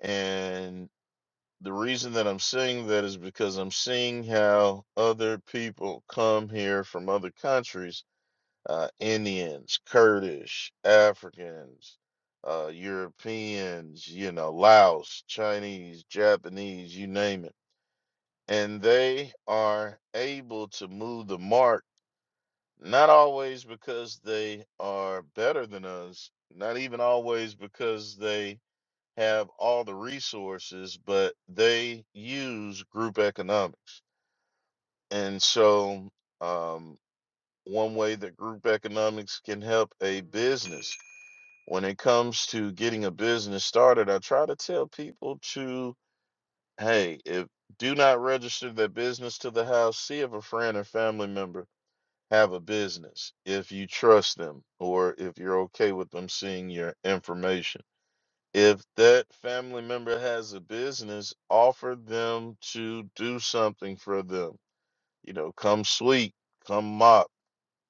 and. The reason that I'm saying that is because I'm seeing how other people come here from other countries, uh, Indians, Kurdish, Africans, uh, Europeans, you know, Laos, Chinese, Japanese, you name it. And they are able to move the mark, not always because they are better than us, not even always because they have all the resources, but they use group economics. And so, um, one way that group economics can help a business when it comes to getting a business started, I try to tell people to, hey, if do not register their business to the house, see if a friend or family member have a business if you trust them or if you're okay with them seeing your information if that family member has a business, offer them to do something for them. You know, come sweep, come mop,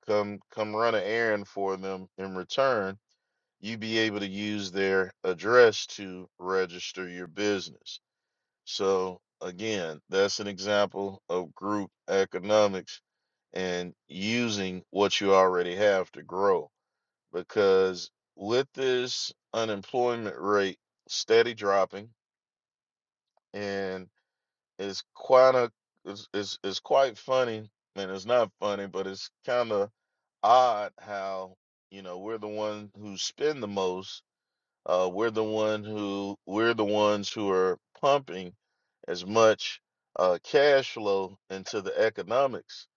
come come run an errand for them in return. You be able to use their address to register your business. So again, that's an example of group economics and using what you already have to grow. Because with this unemployment rate steady dropping, and it's quite a it's, it's, it's quite funny and it's not funny but it's kind of odd how you know we're the one who spend the most uh we're the one who we're the ones who are pumping as much uh cash flow into the economics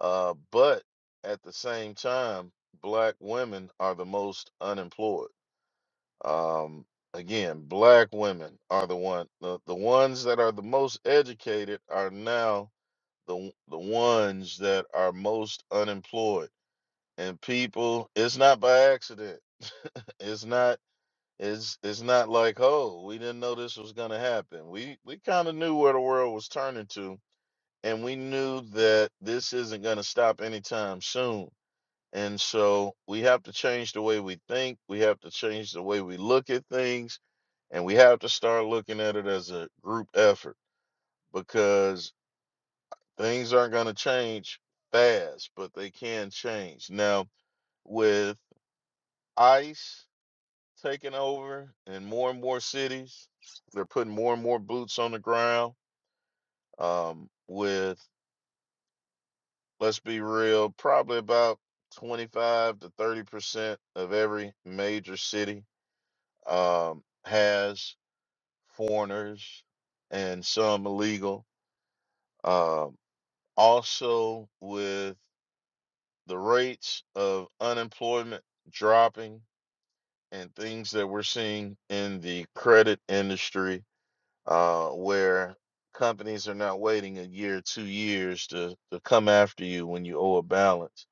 uh but at the same time black women are the most unemployed um, again, black women are the one the, the ones that are the most educated are now the w- the ones that are most unemployed. And people, it's not by accident. it's not it's it's not like, oh, we didn't know this was gonna happen. We we kind of knew where the world was turning to, and we knew that this isn't gonna stop anytime soon. And so we have to change the way we think. We have to change the way we look at things and we have to start looking at it as a group effort because things aren't going to change fast, but they can change. Now, with ICE taking over in more and more cities, they're putting more and more boots on the ground. Um, with, let's be real, probably about 25 to 30% of every major city um, has foreigners and some illegal. uh, Also, with the rates of unemployment dropping and things that we're seeing in the credit industry, uh, where companies are not waiting a year, two years to, to come after you when you owe a balance,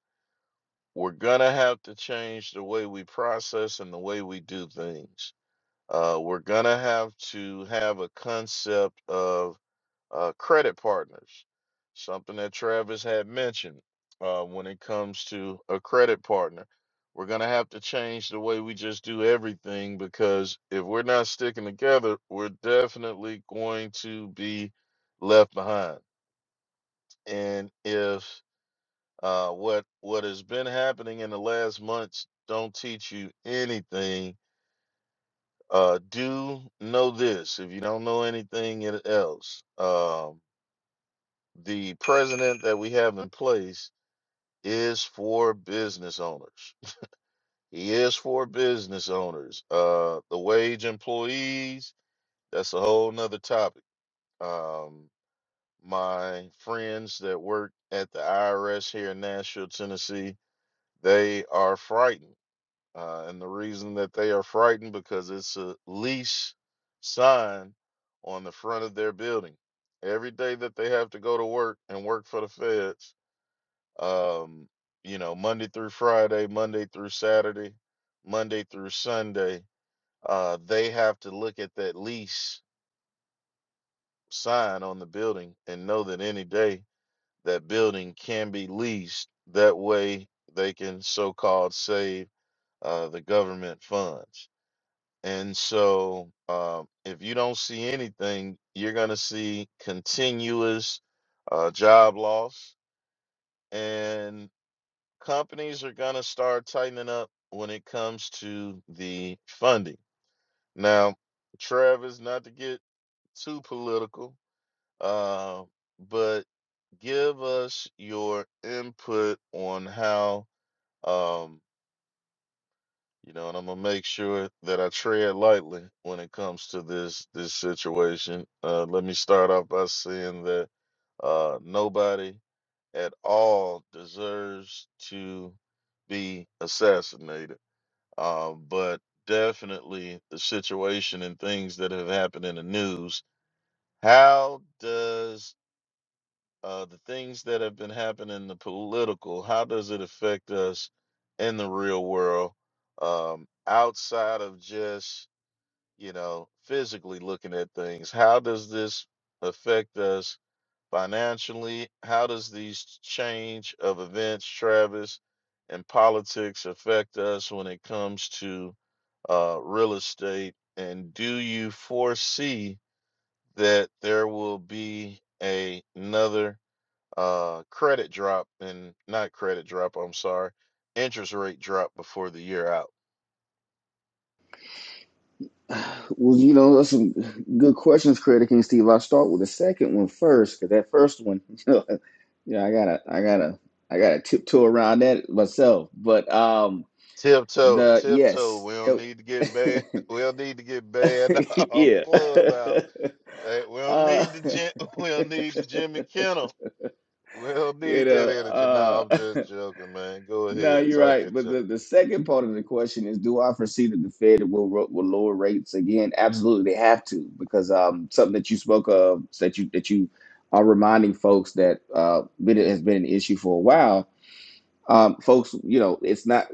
we're going to have to change the way we process and the way we do things. Uh, we're going to have to have a concept of uh, credit partners, something that Travis had mentioned uh, when it comes to a credit partner. We're going to have to change the way we just do everything because if we're not sticking together, we're definitely going to be left behind. And if uh, what what has been happening in the last months don't teach you anything, uh, do know this. If you don't know anything else, um, the president that we have in place is for business owners. He is for business owners. Uh, the wage employees, that's a whole nother topic. Um, my friends that work at the IRS here in Nashville, Tennessee, they are frightened. Uh, and the reason that they are frightened because it's a lease sign on the front of their building. Every day that they have to go to work and work for the feds, um, you know, Monday through Friday, Monday through Saturday, Monday through Sunday, uh, they have to look at that lease sign on the building and know that any day that building can be leased. That way they can so called save uh, the government funds. And so um, if you don't see anything, you're going to see continuous uh, job loss and. companies are going to start tightening up when it comes to the funding. Now, Travis, not to get too political, uh, but give us your input on how, um, you know, and I'm gonna make sure that I tread lightly when it comes to this this situation. Uh, let me start off by saying that uh, nobody at all deserves to be assassinated um, but definitely the situation and things that have happened in the news. How does uh, the things that have been happening in the political, how does it affect us in the real world um, outside of just, you know, physically looking at things? How does this affect us Financially, how does these change of events, Travis, and politics affect us when it comes to uh, real estate? And do you foresee that there will be a, another uh, credit drop and not credit drop, I'm sorry, interest rate drop before the year out?
Well, you know, that's some good questions, Creator King Steve. I'll start with the second one first, because that first one, you know, I gotta, I gotta, I gotta tiptoe around that myself. But um,
Tiptoe,
the
tiptoe.
yes,
We don't
nope.
need to get banned. We don't need to get banned off
yeah.
club Hey, we'll
uh,
need the Jim, we'll need the Jimmy Kimmel. We'll
you
need that
know,
energy. No, I'm
uh,
just joking, man. Go
no,
ahead,
you're
talk
right.
it
But
to.
the, the second part of the question is, do I foresee that the Fed will ro- will lower rates again? Absolutely, they have to because um, something that you spoke of that you that you are reminding folks that uh, been, has been an issue for a while. Um, folks, you know, it's not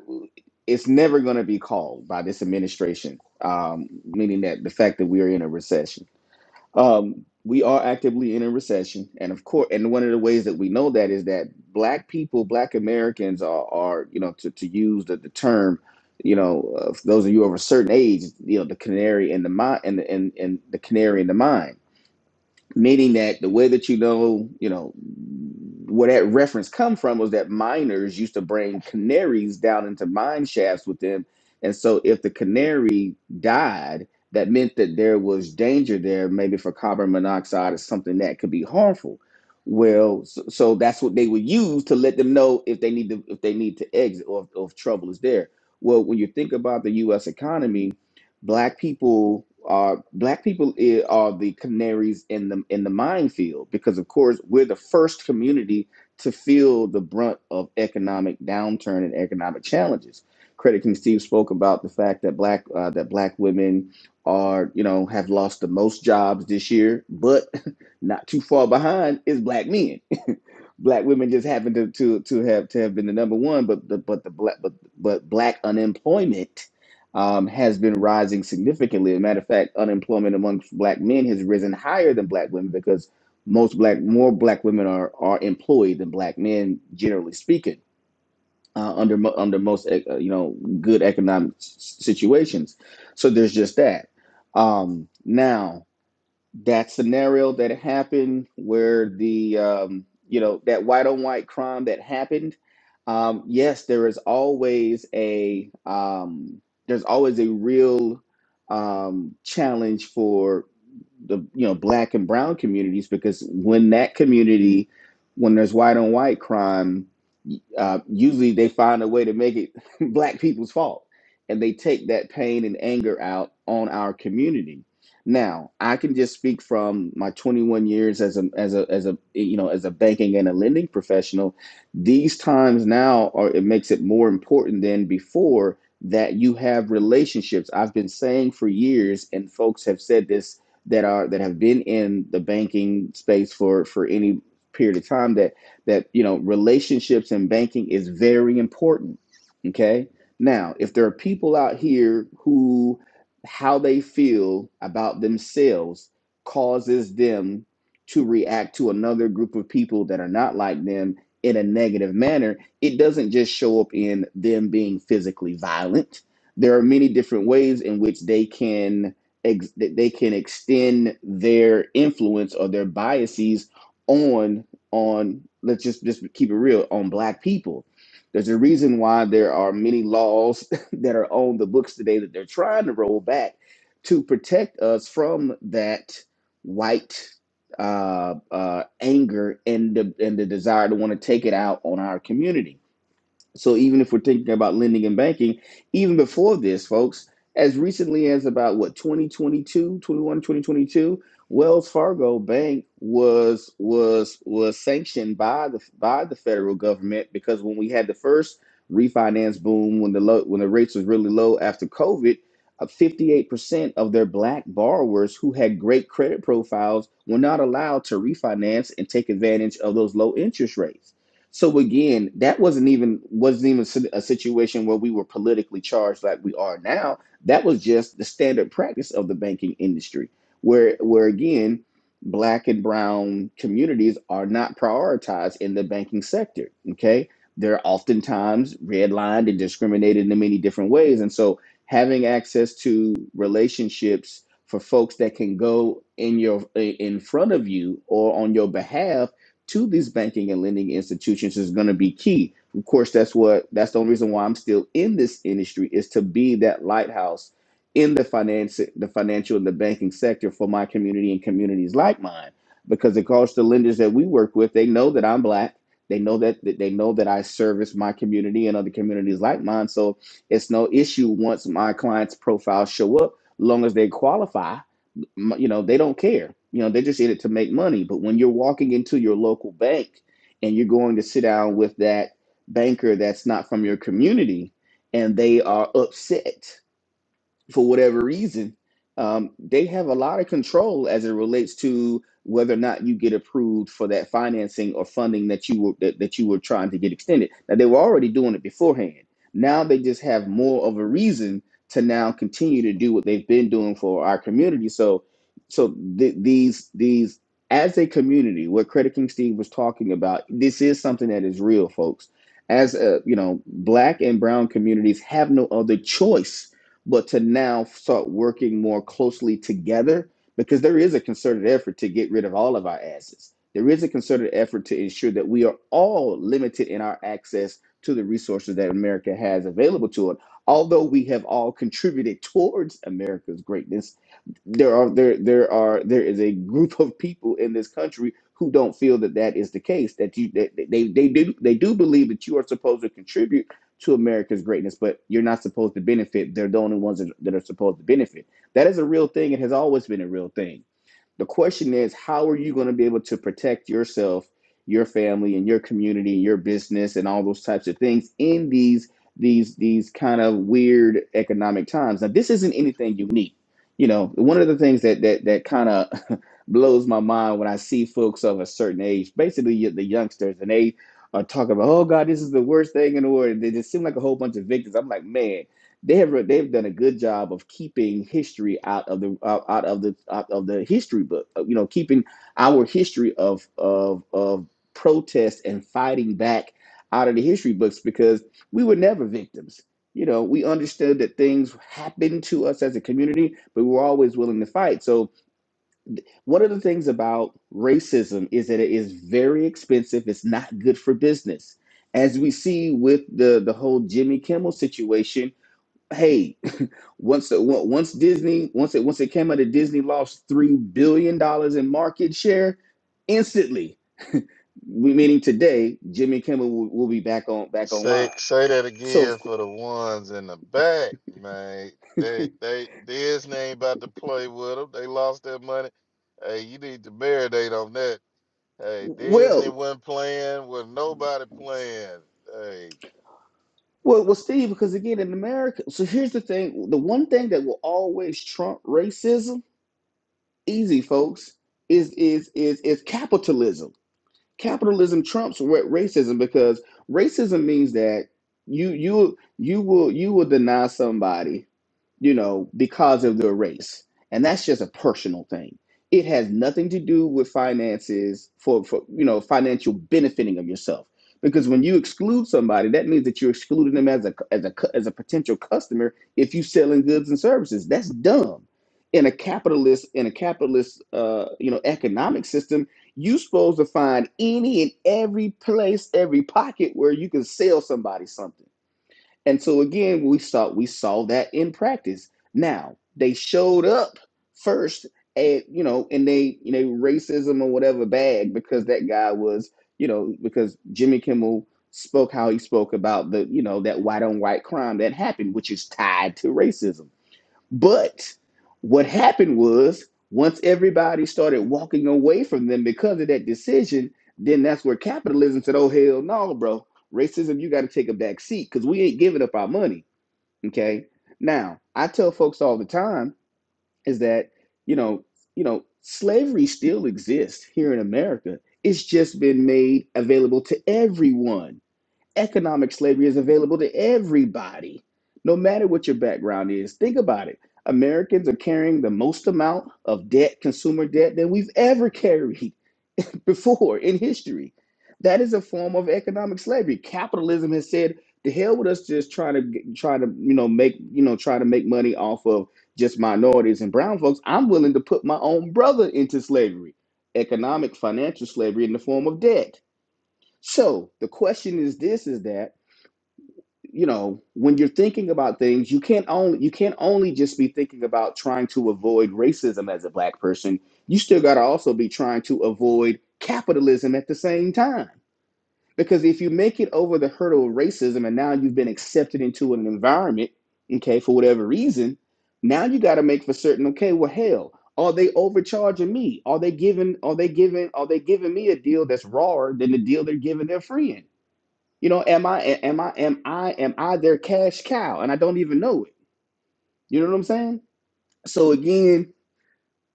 it's never going to be called by this administration. Um, meaning that the fact that we are in a recession. Um, we are actively in a recession, and of course, and one of the ways that we know that is that black people, black Americans are, are you know, to, to use the, the term, you know, uh, for those of you of a certain age, you know, the canary in the mine and the and, and the canary in the mine meaning that the way that you know, you know, where that reference come from was that miners used to bring canaries down into mine shafts with them, and so if the canary died, that meant that there was danger there, maybe for carbon monoxide or something that could be harmful. Well, so, so that's what they would use to let them know if they need to if they need to exit or, or if trouble is there. Well, when you think about the U.S. economy, black people are black people are the canaries in the in the minefield because of course we're the first community to feel the brunt of economic downturn and economic challenges. Credit King Steve spoke about the fact that black uh, that black women are you know have lost the most jobs this year, but not too far behind is black men. black women just happen to to to have to have been the number one, but the but the black but but black unemployment um, has been rising significantly. As a matter of fact, unemployment amongst black men has risen higher than black women because most black more black women are are employed than black men, generally speaking, uh, under mo- under most uh, uh, you know good economic s- situations. So there's just that. Um, now that scenario that happened where the um, you know that white on white crime that happened um, yes there is always a um, there's always a real um, challenge for the you know black and brown communities because when that community when there's white on white crime uh, usually they find a way to make it black people's fault and they take that pain and anger out on our community now i can just speak from my 21 years as a as a as a you know as a banking and a lending professional these times now are it makes it more important than before that you have relationships i've been saying for years and folks have said this that are that have been in the banking space for for any period of time that that you know relationships and banking is very important okay now if there are people out here who how they feel about themselves causes them to react to another group of people that are not like them in a negative manner it doesn't just show up in them being physically violent there are many different ways in which they can ex- that they can extend their influence or their biases on on let's just just keep it real on black people there's a reason why there are many laws that are on the books today that they're trying to roll back to protect us from that white uh, uh, anger and the and the desire to want to take it out on our community so even if we're thinking about lending and banking, even before this, folks, as recently as about what 2022, 21, 2022, Wells Fargo Bank was was was sanctioned by the by the federal government because when we had the first refinance boom when the low, when the rates was really low after COVID, uh, 58% of their black borrowers who had great credit profiles were not allowed to refinance and take advantage of those low interest rates. So again, that wasn't even wasn't even si- a situation where we were politically charged like we are now. That was just the standard practice of the banking industry, where where again, black and brown communities are not prioritized in the banking sector. Okay, they're oftentimes redlined and discriminated in many different ways, and so having access to relationships for folks that can go in your in front of you or on your behalf to these banking and lending institutions is going to be key. Of course, that's what that's the only reason why I'm still in this industry is to be that lighthouse in the finance, the financial and the banking sector for my community and communities like mine. Because of course, the lenders that we work with, they know that I'm black. They know that that they know that I service my community and other communities like mine. So it's no issue once my clients' profiles show up, long as they qualify you know they don't care you know they're just in it to make money but when you're walking into your local bank and you're going to sit down with that banker that's not from your community and they are upset for whatever reason, um, they have a lot of control as it relates to whether or not you get approved for that financing or funding that you were that, that you were trying to get extended. Now they were already doing it beforehand. Now they just have more of a reason to now continue to do what they've been doing for our community. So, so th- these these as a community, what Credit King Steve was talking about, this is something that is real, folks. As a, you know, black and brown communities have no other choice but to now start working more closely together because there is a concerted effort to get rid of all of our assets. There is a concerted effort to ensure that we are all limited in our access to the resources that America has available to it. Although we have all contributed towards America's greatness, there are there there are there is a group of people in this country who don't feel that that is the case that you that that they they do they do believe that you are supposed to contribute to America's greatness but you're not supposed to benefit they're the only ones that, that are supposed to benefit that is a real thing it has always been a real thing the question is, how are you going to be able to protect yourself, your family, and your community, and your business, and all those types of things in these these these kind of weird economic times? Now, this isn't anything unique. You know, one of the things that that that kind of blows my mind when I see folks of a certain age, basically the youngsters, and they are talking about, oh God, this is the worst thing in the world. They just seem like a whole bunch of victims. I'm like, man they have re- they've done a good job of keeping history out of the out, out of the out of the history book. uh, You know, keeping our history of of of protest and fighting back out of the history books because we were never victims. You know, we understood that things happened to us as a community, but we were always willing to fight. So one of the things about racism is that it is very expensive. It's not good for business. As we see with the the whole Jimmy Kimmel situation, hey, once once Disney once it once it came out that Disney lost three billion dollars in market share instantly. We meaning today, Jimmy Kimmel will, will be back on back
Say
online.
say that
So
again
of cou-
for the ones in the back, man. They they Disney ain't about to play with them. They lost their money. Hey, you need to marinate on that. Hey, Disney
well,
wasn't playing with nobody playing. Hey,
well, well, Steve, because again in America, so here's the thing: the one thing that will always trump racism, easy folks, is is is is capitalism capitalism trumps racism because racism means that you you you will you will deny somebody you know, because of their race. And that's just a personal thing. It has nothing to do with finances for, for you know, financial benefiting of yourself. Because when you exclude somebody, that means that you're excluding them as a as a cu- as a potential customer if you're selling goods and services. That's dumb. In a capitalist in a capitalist uh, you know economic system, you're supposed to find any and every place, every pocket where you can sell somebody something and so again, we saw we saw that in practice. Now they showed up first at you know in they in a racism or whatever bag because that guy was you know because Jimmy Kimmel spoke how he spoke about the you know that white on white crime that happened, which is tied to racism. But what happened was once everybody started walking away from them because of that decision, then that's where capitalism said, oh, hell no, bro. Racism, you got to take a back seat because we ain't giving up our money. Okay. Now, I tell folks all the time is that, you know, you know, slavery still exists here in America. It's just been made available to everyone Economic slavery is available to everybody, no matter what your background is. Think about it. Americans are carrying the most amount of debt, consumer debt, than we've ever carried before in history. That is a form of economic slavery. Capitalism has said, "The hell with us just trying to try to you know make you know try to make money off of just minorities and brown folks. I'm willing to put my own brother into slavery, economic, financial slavery in the form of debt." So the question is this: is that you know when you're thinking about things you can't only you can't only just be thinking about trying to avoid racism as a black person you still got to also be trying to avoid capitalism at the same time because if you make it over the hurdle of racism and now you've been accepted into an environment okay for whatever reason now you got to make for certain okay well hell are they overcharging me are they giving are they giving are they giving me a deal that's rawer than the deal they're giving their friend you know, am I am I am I am I their cash cow? And I don't even know it. You know what I'm saying? So again,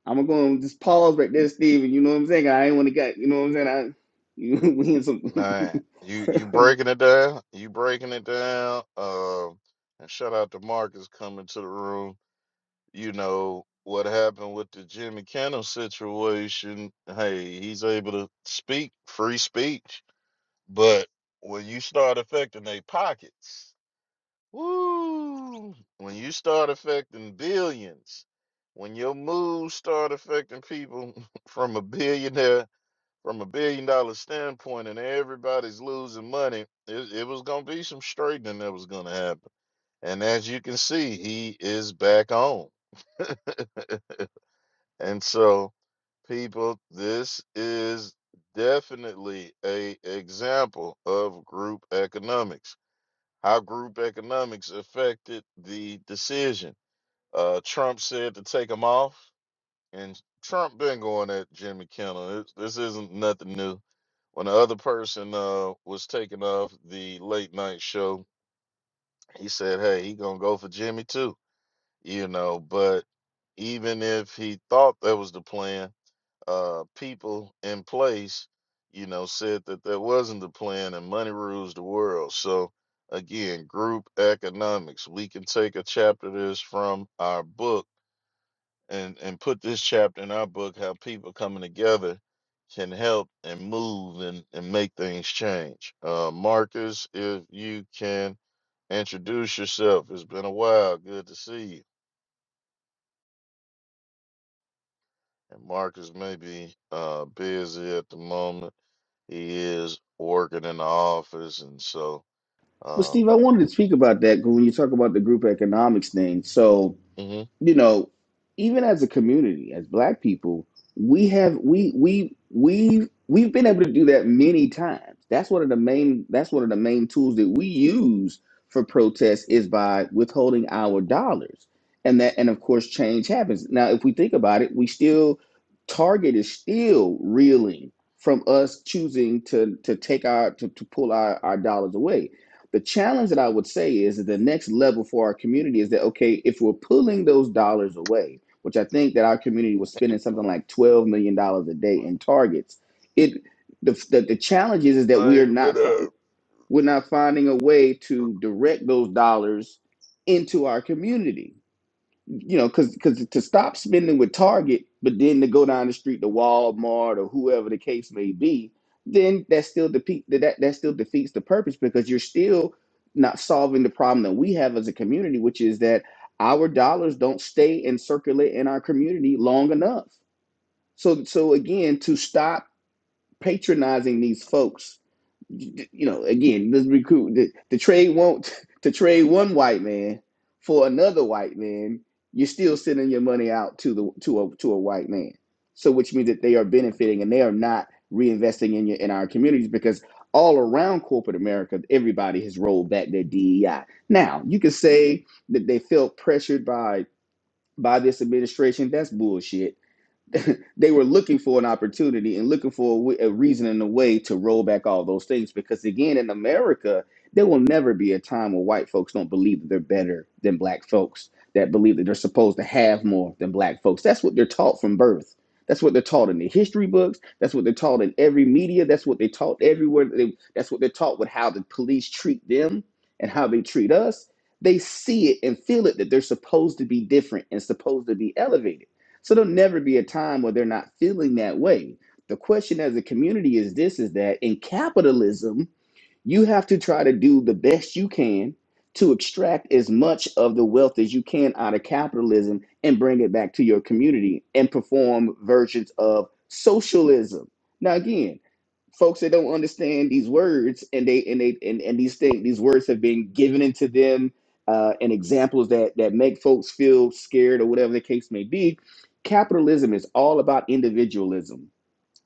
I'm gonna go just pause right there, Steve, you know what I'm saying? I ain't wanna get you know what I'm saying? I you we in some
Man, you you breaking it down. You breaking it down. Um, and shout out to Marcus coming to the room. You know what happened with the Jimmy Kimmel situation. Hey, he's able to speak free speech, but when you start affecting their pockets, woo! When you start affecting billions, when your moves start affecting people from a billionaire from a billion dollar standpoint and everybody's losing money, it, it was going to be some straightening that was going to happen. And as you can see, he is back on. And so, people, this is definitely a example of group economics. How group economics affected the decision. Uh, Trump said to take him off. and Trump been going at Jim McKenna. It, this isn't nothing new. When the other person uh, was taking off the late night show, he said, "Hey, he gonna go for Jimmy too." You know, but even if he thought that was the plan, uh, people in place, you know, said that that wasn't the plan, and money rules the world. So again, group economics. We can take a chapter of this from our book and and put this chapter in our book how people coming together can help and move and, and make things change. Uh, Marcus, if you can introduce yourself, it's been a while. Good to see you. And Marcus may be uh, busy at the moment. He is working in the office, and so
But
uh,
Steve, I wanted to speak about that when you talk about the group economics thing. So
mhm.
you know, even as a community, as black people, we have we we we we've been able to do that many times. That's one of the main that's one of the main tools that we use for protest is by withholding our dollars. And that and of course change happens. Now if we think about it, we still Target is still reeling from us choosing to to take our to, to pull our, our dollars away. The challenge that I would say is that the next level for our community is that okay, if we're pulling those dollars away, which I think that our community was spending something like twelve million dollars a day in targets, it the, the the challenge is is that we are
Like, but,
not fi-
uh,
we're not finding a way to direct those dollars into our community you know, because because to stop spending with Target, but then to go down the street to Walmart or whoever the case may be, then that still defeat that that still defeats the purpose because you're still not solving the problem that we have as a community, which is that our dollars don't stay and circulate in our community long enough. So so again, to stop patronizing these folks you know, again, this recruit the, the trade won't to trade one white man for another white man, you're still sending your money out to the to a to a white man. So which means that they are benefiting and they are not reinvesting in your in our communities because all around corporate America, everybody has rolled back their DEI. Now, you could say that they felt pressured by by this administration. That's bullshit they were looking for an opportunity and looking for a a reason and a way to roll back all those things because again in america there will never be a time where white folks don't believe that they're better than black folks that believe that they're supposed to have more than black folks that's what they're taught from birth that's what they're taught in the history books that's what they're taught in every media that's what they taught everywhere They- that's what they're taught with how the police treat them and how they treat us they see it and feel it that they're supposed to be different and supposed to be elevated so there'll never be a time where they're not feeling that way. The question as a community is this is that in capitalism, you have to try to do the best you can to extract as much of the wealth as you can out of capitalism and bring it back to your community and perform versions of socialism. Now, again, folks that don't understand these words and they and they and, and these things these words have been given into them uh, and examples that that make folks feel scared or whatever the case may be capitalism is all about individualism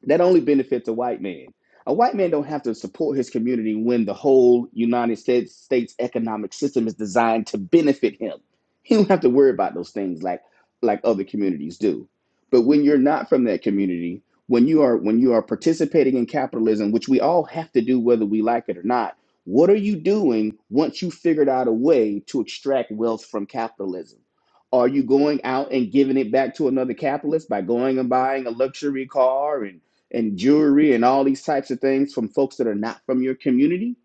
that only benefits a white man. A white man don't have to support his community when the whole United States states economic system is designed to benefit him. He don't have to worry about those things like like other communities do. But when you're not from that community, when you are when you are participating in capitalism, which we all have to do whether we like it or not, what are you doing once you figured out a way to extract wealth from capitalism? Are you going out and giving it back to another capitalist by going and buying a luxury car and and jewelry and all these types of things from folks that are not from your community?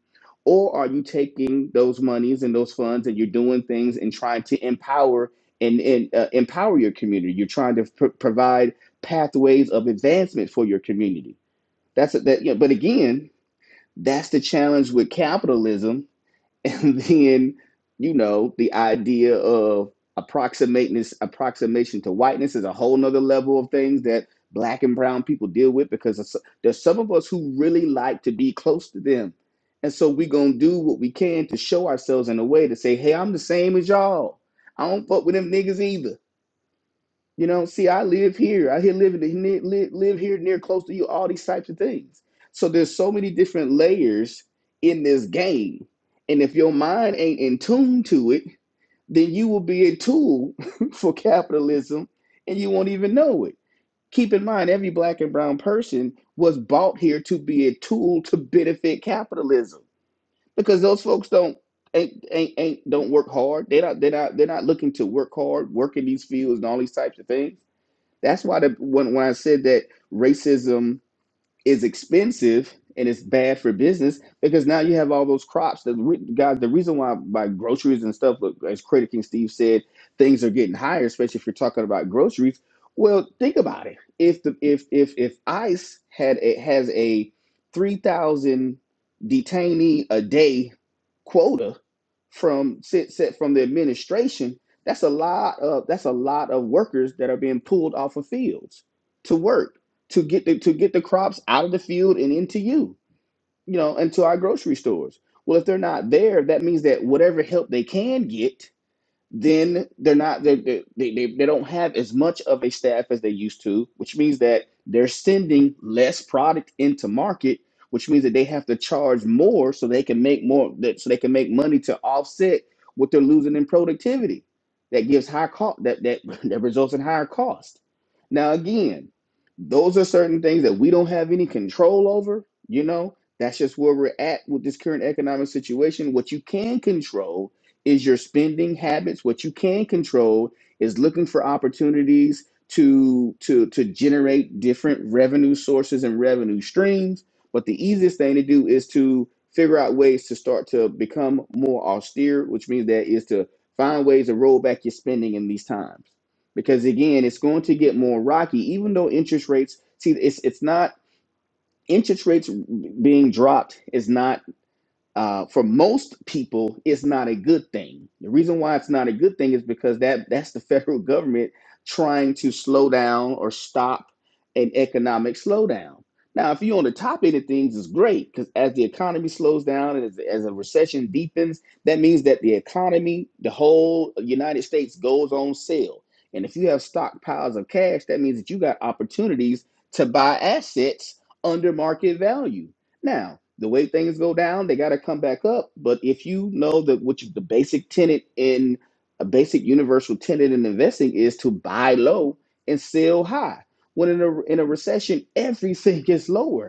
Or are you taking those monies and those funds and you're doing things and trying to empower and, and uh, empower your community? You're trying to pr- provide pathways of advancement for your community. That's that. You know, but again, that's the challenge with capitalism and then you know the idea of approximating approximation to whiteness is a whole nother level of things that black and brown people deal with because there's some of us who really like to be close to them and so we're gonna do what we can to show ourselves in a way to say hey i'm the same as y'all i don't fuck with them niggas either you know, see, I live here. I here live in the- live live here near close to you. All these types of things. So there's so many different layers in this game, and if your mind ain't in tune to it, then you will be a tool for capitalism, and you won't even know it. Keep in mind, every black and brown person was bought here to be a tool to benefit capitalism, because those folks don't ain't ain't, ain't don't work hard. They not they not they're not looking to work hard, work in these fields and all these types of things that's why the when when I said that racism is expensive and it's bad for business because now you have all those crops that re- guys the reason why by groceries and stuff look, as credit king steve said things are getting higher especially if you're talking about groceries well think about it if the if if if ice had a, has a 3000 detainee a day quota from set, set from the administration that's a lot of that's a lot of workers that are being pulled off of fields to work to get the, to get the crops out of the field and into you, you know, into our grocery stores. Well, if they're not there, that means that whatever help they can get then they're not they they, they they don't have as much of a staff as they used to which means that they're sending less product into market which means that they have to charge more so they can make more that so they can make money to offset what they're losing in productivity that gives high cost that that that results in higher cost now again those are certain things that we don't have any control over you know that's just where we're at with this current economic situation what you can control is your spending habits. What you can control is looking for opportunities to to to generate different revenue sources and revenue streams. But the easiest thing to do is to figure out ways to start to become more austere, which means that is to find ways to roll back your spending in these times. Because again, it's going to get more rocky, even though interest rates. See, it's it's not interest rates being dropped is not uh, for most people, it's not a good thing. The reason why it's not a good thing is because that that's the federal government trying to slow down or stop an economic slowdown. Now, if you're on the top end of things, it's great because as the economy slows down and as, as a recession deepens, that means that the economy, the whole United States, goes on sale. And if you have stockpiles of cash, that means that you got opportunities to buy assets under market value. Now, the way things go down, they got to come back up. But if you know that which is the basic tenet in a basic universal tenet in investing is to buy low and sell high. When in a in a recession, everything is lower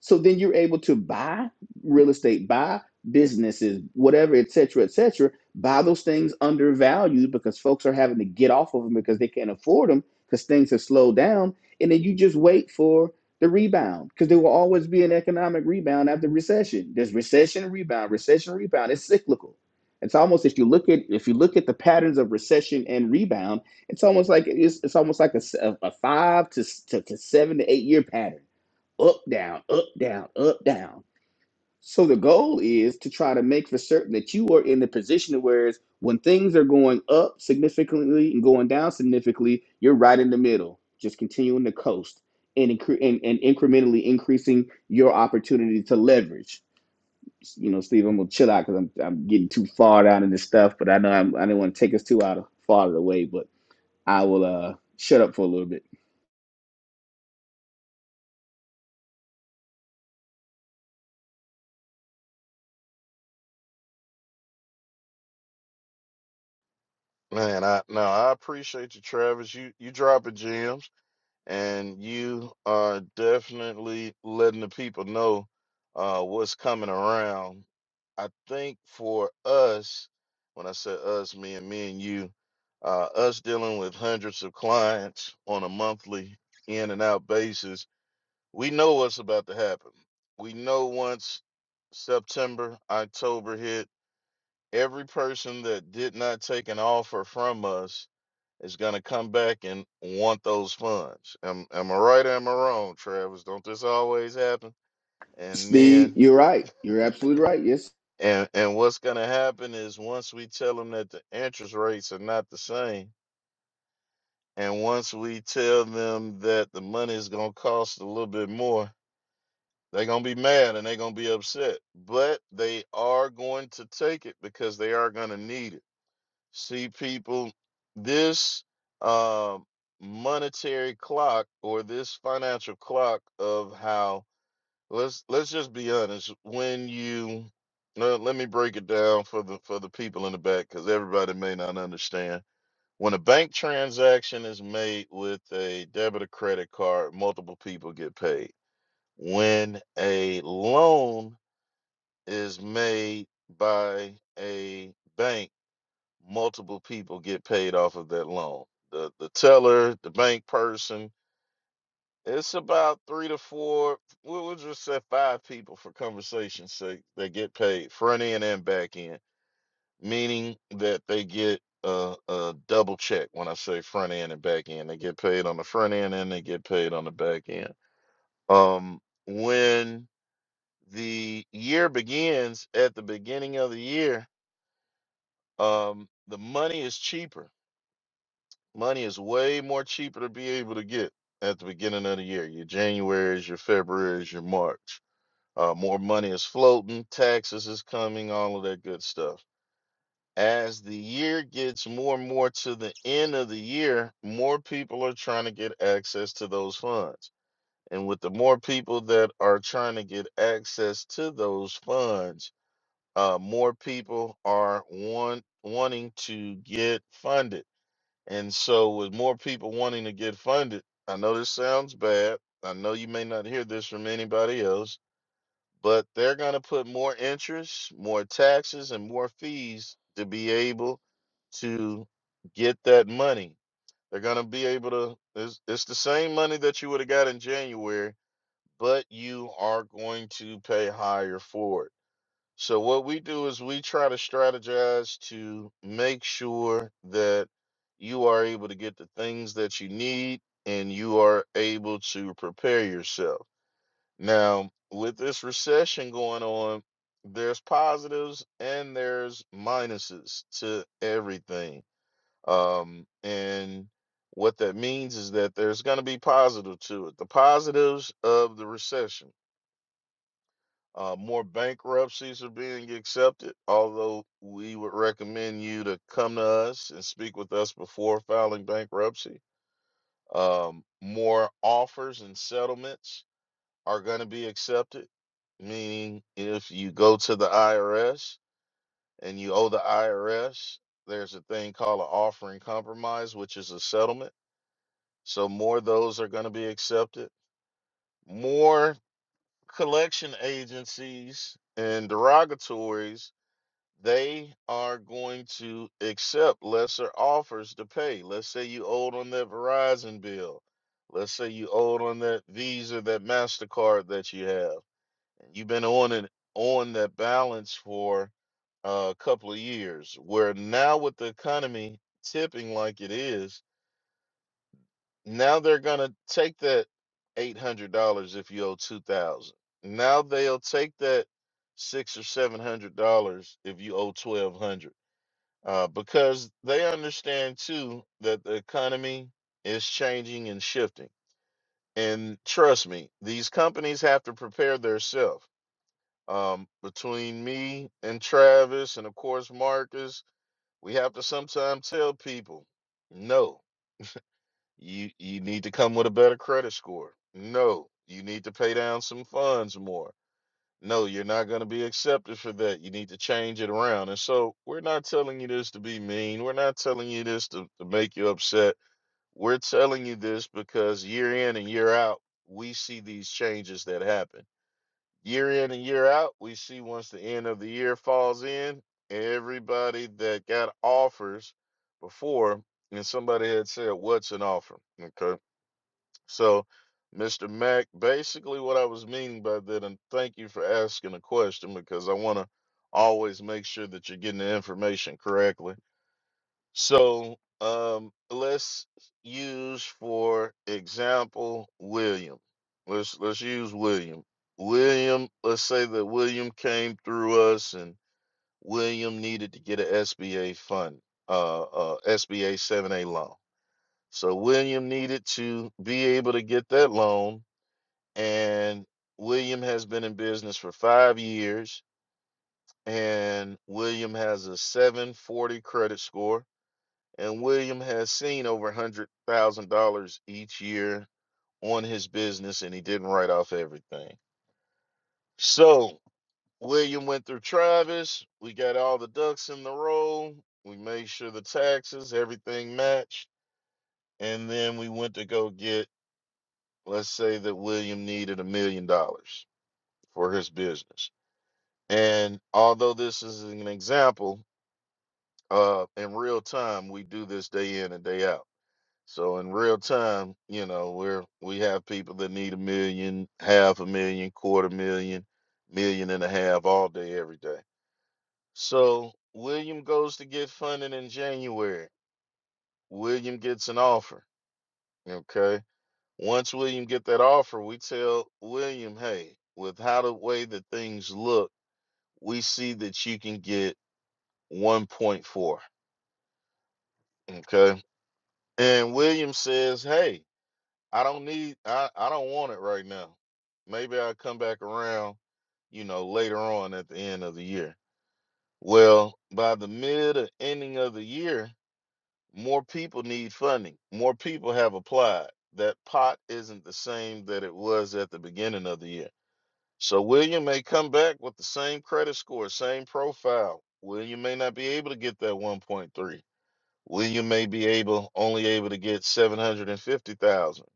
so then you're able to buy real estate, buy businesses, whatever, et cetera, et cetera. Buy those things undervalued because folks are having to get off of them because they can't afford them because things have slowed down. And then you just wait for the rebound because there will always be an economic rebound after recession. There's recession, rebound, recession, rebound. It's cyclical. It's almost if you look at if you look at the patterns of recession and rebound, it's almost like it's, it's almost like a, s- a- a five to, s- to to seven to eight year pattern up, down, up, down, up, down. So the goal is to try to make for certain that you are in the position of whereas when things are going up significantly and going down significantly, you're right in the middle, just continuing to coast and, incre- and, and incrementally increasing your opportunity to leverage. You know, Steve, I'm gonna chill out because I'm, I'm getting too far down in this stuff, but I know I'm, I didn't want to take us too out of far of the way, but I will uh, shut up for a little bit.
man, I no, I appreciate you, Travis. You you dropping gems and you are definitely letting the people know uh, what's coming around. I think for us, when I say us, me and me and you, uh, us dealing with hundreds of clients on a monthly in and out basis, we know what's about to happen. We know once September, October hit, every person that did not take an offer from us is going to come back and want those funds. Am, am I right or am I wrong, Travis? Don't this always happen? And then,
Steve, you're right. You're absolutely right. Yes.
and and what's going to happen is once we tell them that the interest rates are not the same, and once we tell them that the money is going to cost a little bit more, they're going to be mad and they're going to be upset. But they are going to take it because they are going to need it. See, people, this uh, monetary clock or this financial clock of how let's let's just be honest. When you uh, let me break it down for the for the people in the back because everybody may not understand. When a bank transaction is made with a debit or credit card, multiple people get paid. When a loan is made by a bank multiple people get paid off of that loan. The the teller, the bank person. It's about three to four. We'll we'll just say five people for conversation's sake They get paid front end and back end, meaning that they get a, a double check when I say front end and back end. They get paid on the front end and they get paid on the back end. Um, when the year begins at the beginning of the year, um, the money is cheaper Money is way more cheaper to be able to get at the beginning of the year. Your January's, your February's, your March. Uh, more money is floating, taxes is coming, all of that good stuff. As the year gets more and more to the end of the year, more people are trying to get access to those funds. And with the more people that are trying to get access to those funds, uh, more people are want, wanting to get funded and so, with more people wanting to get funded, I know this sounds bad. I know you may not hear this from anybody else, but they're going to put more interest, more taxes, and more fees to be able to get that money. They're going to be able to, it's, it's the same money that you would have got in January, but you are going to pay higher for it. So what we do is we try to strategize to make sure that you are able to get the things that you need and you are able to prepare yourself. Now, with this recession going on, there's positives and there's minuses to everything. Um, and what that means is that there's going to be positive to it. The positives of the recession uh, more bankruptcies are being accepted, although we would recommend you to come to us and speak with us before filing bankruptcy. Um, more offers and settlements are going to be accepted, meaning if you go to the IRS and you owe the IRS, there's a thing called an offering compromise, which is a settlement. So, more of those are going to be accepted. More collection agencies and derogatories they are going to accept lesser offers to pay. Let's say you owed on that Verizon bill. Let's say you owed on that Visa, that MasterCard that you have. You've been on it on that balance for uh, a couple of years. Where now with the economy tipping like it is, now they're gonna take that eight hundred dollars if you owe two thousand. Now they'll take that six or seven hundred dollars if you owe twelve hundred uh, because they understand too that the economy is changing and shifting. And trust me, these companies have to prepare themselves. Um, between me and Travis, and of course Marcus, we have to sometimes tell people, no, you you need to come with a better credit score. No, you need to pay down some funds more no, you're not going to be accepted for that. You need to change it around. And so we're not telling you this to be mean. We're not telling you this to, to make you upset. We're telling you this because year in and year out, we see these changes that happen. Year in and year out, we see once the end of the year falls in, everybody that got offers before, and somebody had said, What's an offer? Okay so, Mr. Mack, basically what I was meaning by that, and thank you for asking a question because I want to always make sure that you're getting the information correctly. So, um, let's use for example William. Let's let's use William. William, let's say that William came through us and William needed to get a SBA fund, uh, uh SBA 7A loan. So William needed to be able to get that loan and William has been in business for five years, and William has a 740 credit score, and William has seen over $100,000 each year on his business, and he didn't write off everything. So, William went through Travis. We got all the ducks in the row. We made sure the taxes, everything matched. And then we went to go get, let's say that William needed a million dollars for his business And although this is an example, uh, in real time, we do this day in and day out. So in real time, you know, we're we have people that need a million, half a million, quarter million, million and a half all day, every day. So William goes to get funding in January. William gets an offer. Okay. Once William get that offer, we tell William, hey, with how the way that things look, we see that you can get 1.4. Okay. And William says, Hey, I don't need I, I don't want it right now. Maybe I'll come back around, you know, later on at the end of the year. Well, by the mid or ending of the year, more people need funding. More people have applied. That pot isn't the same that it was at the beginning of the year. So William may come back with the same credit score, same profile. William may not be able to get that 1.3. William may be able only able to get seven hundred and fifty thousand.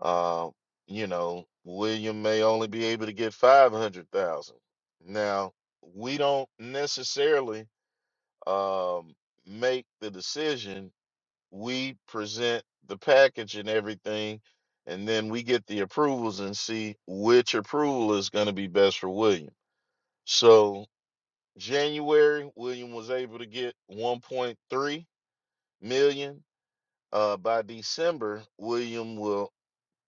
Um, you know, William may only be able to get five hundred thousand. Now, we don't necessarily um, make the decision. We present the package and everything, and then we get the approvals and see which approval is going to be best for William. So, January, William was able to get one point three million uh, by December, William will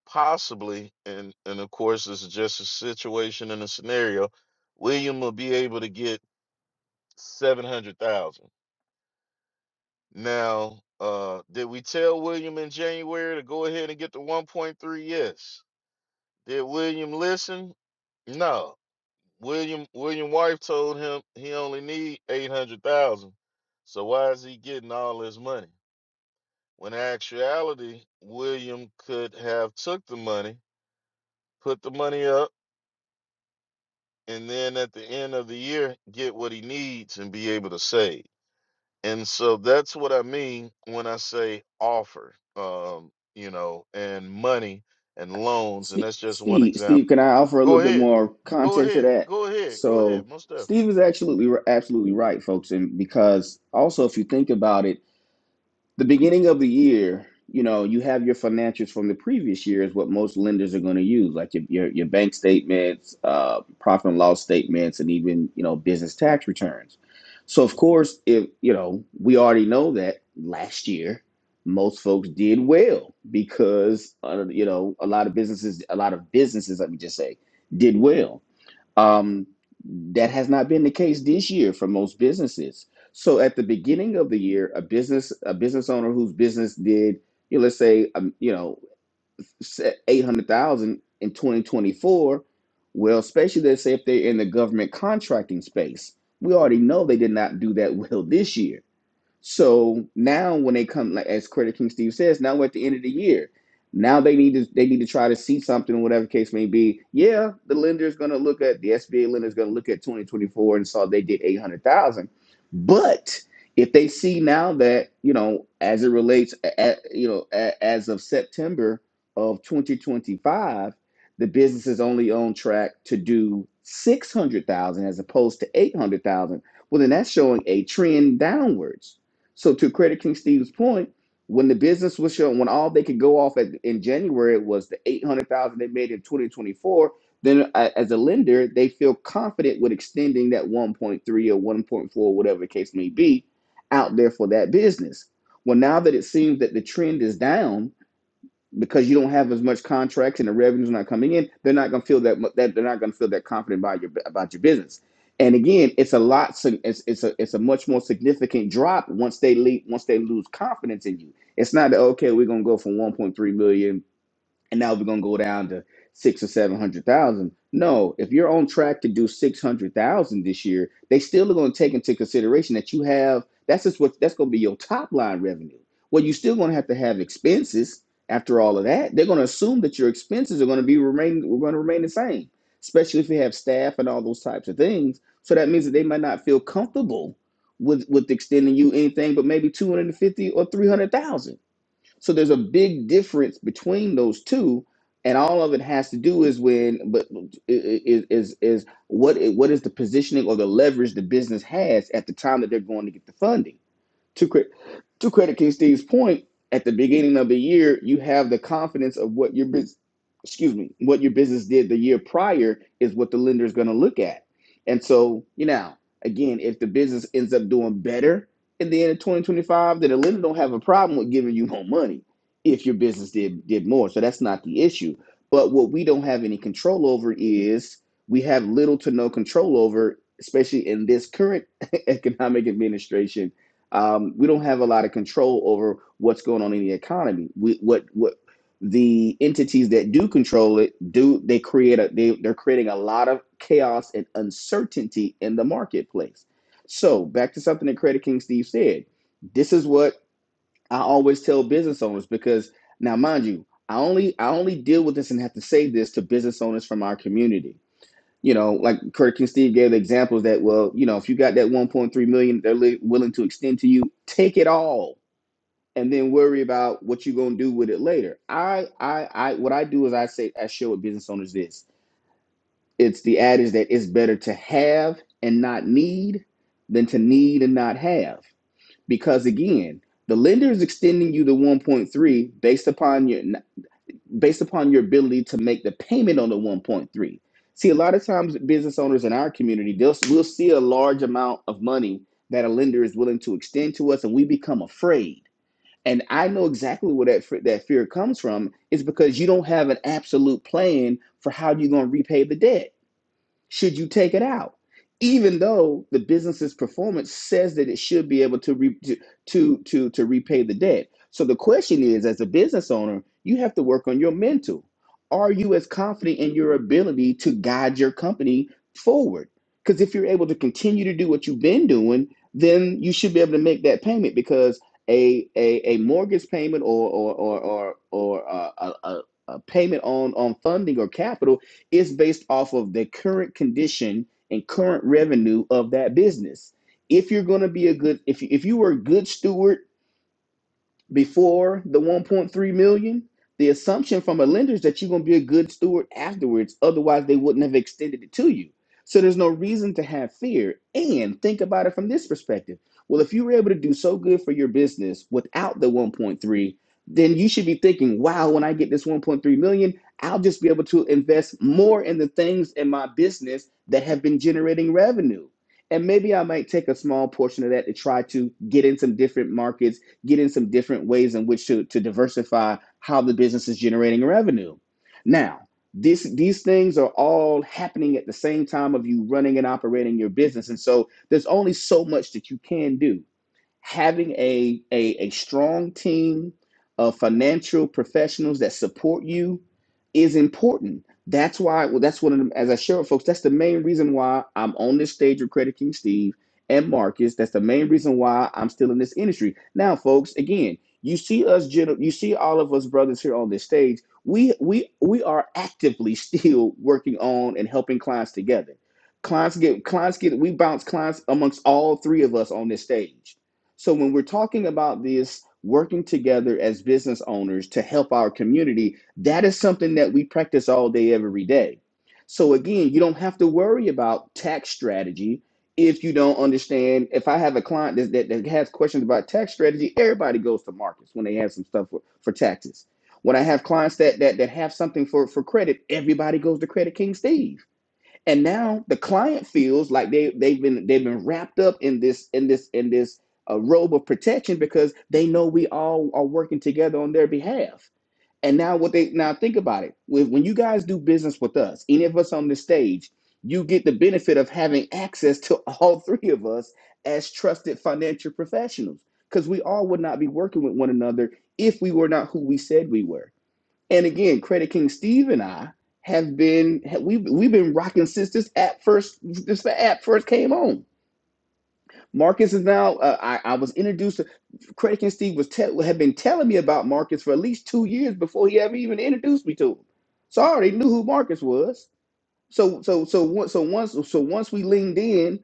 possibly, and and of course, this is just a situation and a scenario. William will be able to get seven hundred thousand. Now, uh, did we tell William in January to go ahead and get the one point three? Yes. Did William listen? No. William William wife told him he only need eight hundred thousand. So why is he getting all this money? When in actuality, William could have took the money put the money up, and then at the end of the year, get what he needs and be able to save. And so that's what I mean when I say offer, um, you know, and money and loans. And
Steve,
that's just one
Steve, Steve,
example.
can I offer a little
Go
bit
ahead.
more
Go
context to
ahead.
that?
Go ahead. Go ahead.
So
Most definitely.
Steve is absolutely absolutely right, folks, and because also if you think about it the beginning of the year, you know, you have your financials from the previous year is what most lenders are going to use, like your, your your bank statements, uh, profit and loss statements, and even you know business tax returns. So of course, if you know, we already know that last year most folks did well because uh, you know a lot of businesses, a lot of businesses, let me just say, did well. Um, that has not been the case this year for most businesses. So at the beginning of the year, a business a business owner whose business did you know, let's say um, you know eight hundred thousand in twenty twenty four, well, especially let's say if they're in the government contracting space, we already know they did not do that well this year. So now when they come like as Credit King Steve says, now we're at the end of the year. Now they need to they need to try to see something, whatever case may be. Yeah, the lender is gonna look at the SBA lender is gonna look at 2024 and saw they did 800,000. But if they see now that you know as it relates, a- a- you know a- as of September of 2025, the business is only on track to do 600,000 as opposed to 800,000. Well, then that's showing a trend downwards so to credit King Steve's point, when the business was showing, when all they could go off at, in January was the eight hundred thousand they made in twenty twenty four, then a- as a lender, they feel confident with extending that one point three or one point four, whatever the case may be, out there for that business. Well, now that it seems that the trend is down, because you don't have as much contracts and the revenue's not coming in, they're not going to feel that, that they're not going to feel that confident about your about your business. And again, it's a lot. sig- It's, it's a it's a much more significant drop once they leave, once they lose confidence in you. It's not that okay, we're going to go from 1.3 million and now we're gonna go down to six or seven hundred thousand. No, if you're on track to do six hundred thousand this year, they still are gonna take into consideration that you have that's just what that's gonna be your top line revenue. Well, you're still gonna have to have expenses after all of that. They're gonna assume that your expenses are gonna be remain we are gonna remain the same, especially if you have staff and all those types of things. So that means that they might not feel comfortable with with extending you anything but maybe two hundred and fifty or three hundred thousand so there's a big difference between those two, and all of it has to do is when, but is is is what what is the positioning or the leverage the business has at the time that they're going to get the funding. To credit, to credit King Steve's point, at the beginning of the year, you have the confidence of what your business, excuse me, what your business did the year prior is what the lender is going to look at. And so, you know, again, if the business ends up doing better at the end of 2025, then the lender don't have a problem with giving you more money if your business did did more. So that's not the issue. But what we don't have any control over is we have little to no control over, especially in this current economic administration um, we don't have a lot of control over what's going on in the economy. We, what what the entities that do control it do they create a they, they're creating a lot of chaos and uncertainty in the marketplace. So back to something that Credit King Steve said. This is what I always tell business owners because now mind you, I only I only deal with this and have to say this to business owners from our community you know, like Kurt and Steve gave the examples that, well, you know, if you got that 1.3 million, dollars they're li- willing to extend to you, take it all and then worry about what you're going to do with it later. I, I, I, what I do is I say, I show what business owners this it's the adage that it's better to have and not need than to need and not have. Because again, the lender is extending you the 1.3 based upon your, based upon your ability to make the payment on the 1.3. See, a lot of times business owners in our community, they'll we'll see a large amount of money that a lender is willing to extend to us, and we become afraid. And I know exactly where that that fear comes from. It's because you don't have an absolute plan for how you're going to repay the debt should you take it out? Even though the business's performance says that it should be able to re- to, to to to repay the debt. So the question is, as a business owner, you have to work on your mental. Are you as confident in your ability to guide your company forward? Because if you're able to continue to do what you've been doing, then you should be able to make that payment. Because a a, a mortgage payment or or or or, or uh, a, a a payment on on funding or capital it's based off of the current condition and current revenue of that business. If you're going to be a good, if you, if you were a good steward before the 1.3 million the assumption from a lender is that you're going to be a good steward afterwards otherwise they wouldn't have extended it to you so there's no reason to have fear and think about it from this perspective well if you were able to do so good for your business without the 1.3 then you should be thinking wow when i get this 1.3 million i'll just be able to invest more in the things in my business that have been generating revenue and maybe i might take a small portion of that to try to get in some different markets getting some different ways in which to, to diversify how the business is generating revenue. Now, this, these things are all happening at the same time of you running and operating your business. And so there's only so much that you can do having a, a, a strong team of financial professionals that support you is important. That's why, well, that's one of them, as I share with folks, that's the main reason why I'm on this stage with Credit King Steve and Marcus. That's the main reason why I'm still in this industry. Now, folks, again, you see us, gen- you see all of us brothers here on this stage. We, we, we are actively still working on and helping clients together. Clients get, clients get, we bounce clients amongst all three of us on this stage so when we're talking about this working together as business owners to help our community, that is something that we practice all day, every day. So again, you don't have to worry about tax strategy if you don't understand. If I have a client that, that, that has questions about tax strategy, everybody goes to markets when they have some stuff for, for taxes. When I have clients that, that that have something for, for credit, everybody goes to Credit King Steve and now the client feels like they they've been they've been wrapped up in this in this in this uh, robe of protection because they know we all are working together on their behalf. And now what they now think about it when, when you guys do business with us, any of us on the stage, you get the benefit of having access to all three of us as trusted financial professionals because we all would not be working with one another if we were not who we said we were. And again, Credit King Steve and I have been we've we've been rocking since this app first this app first came on. Marcus is now. Uh, I, I was introduced to Credit King Steve was tell had been telling me about Marcus for at least two years before he ever even introduced me to him. So I already knew who Marcus was. So so so once so once so once we leaned in,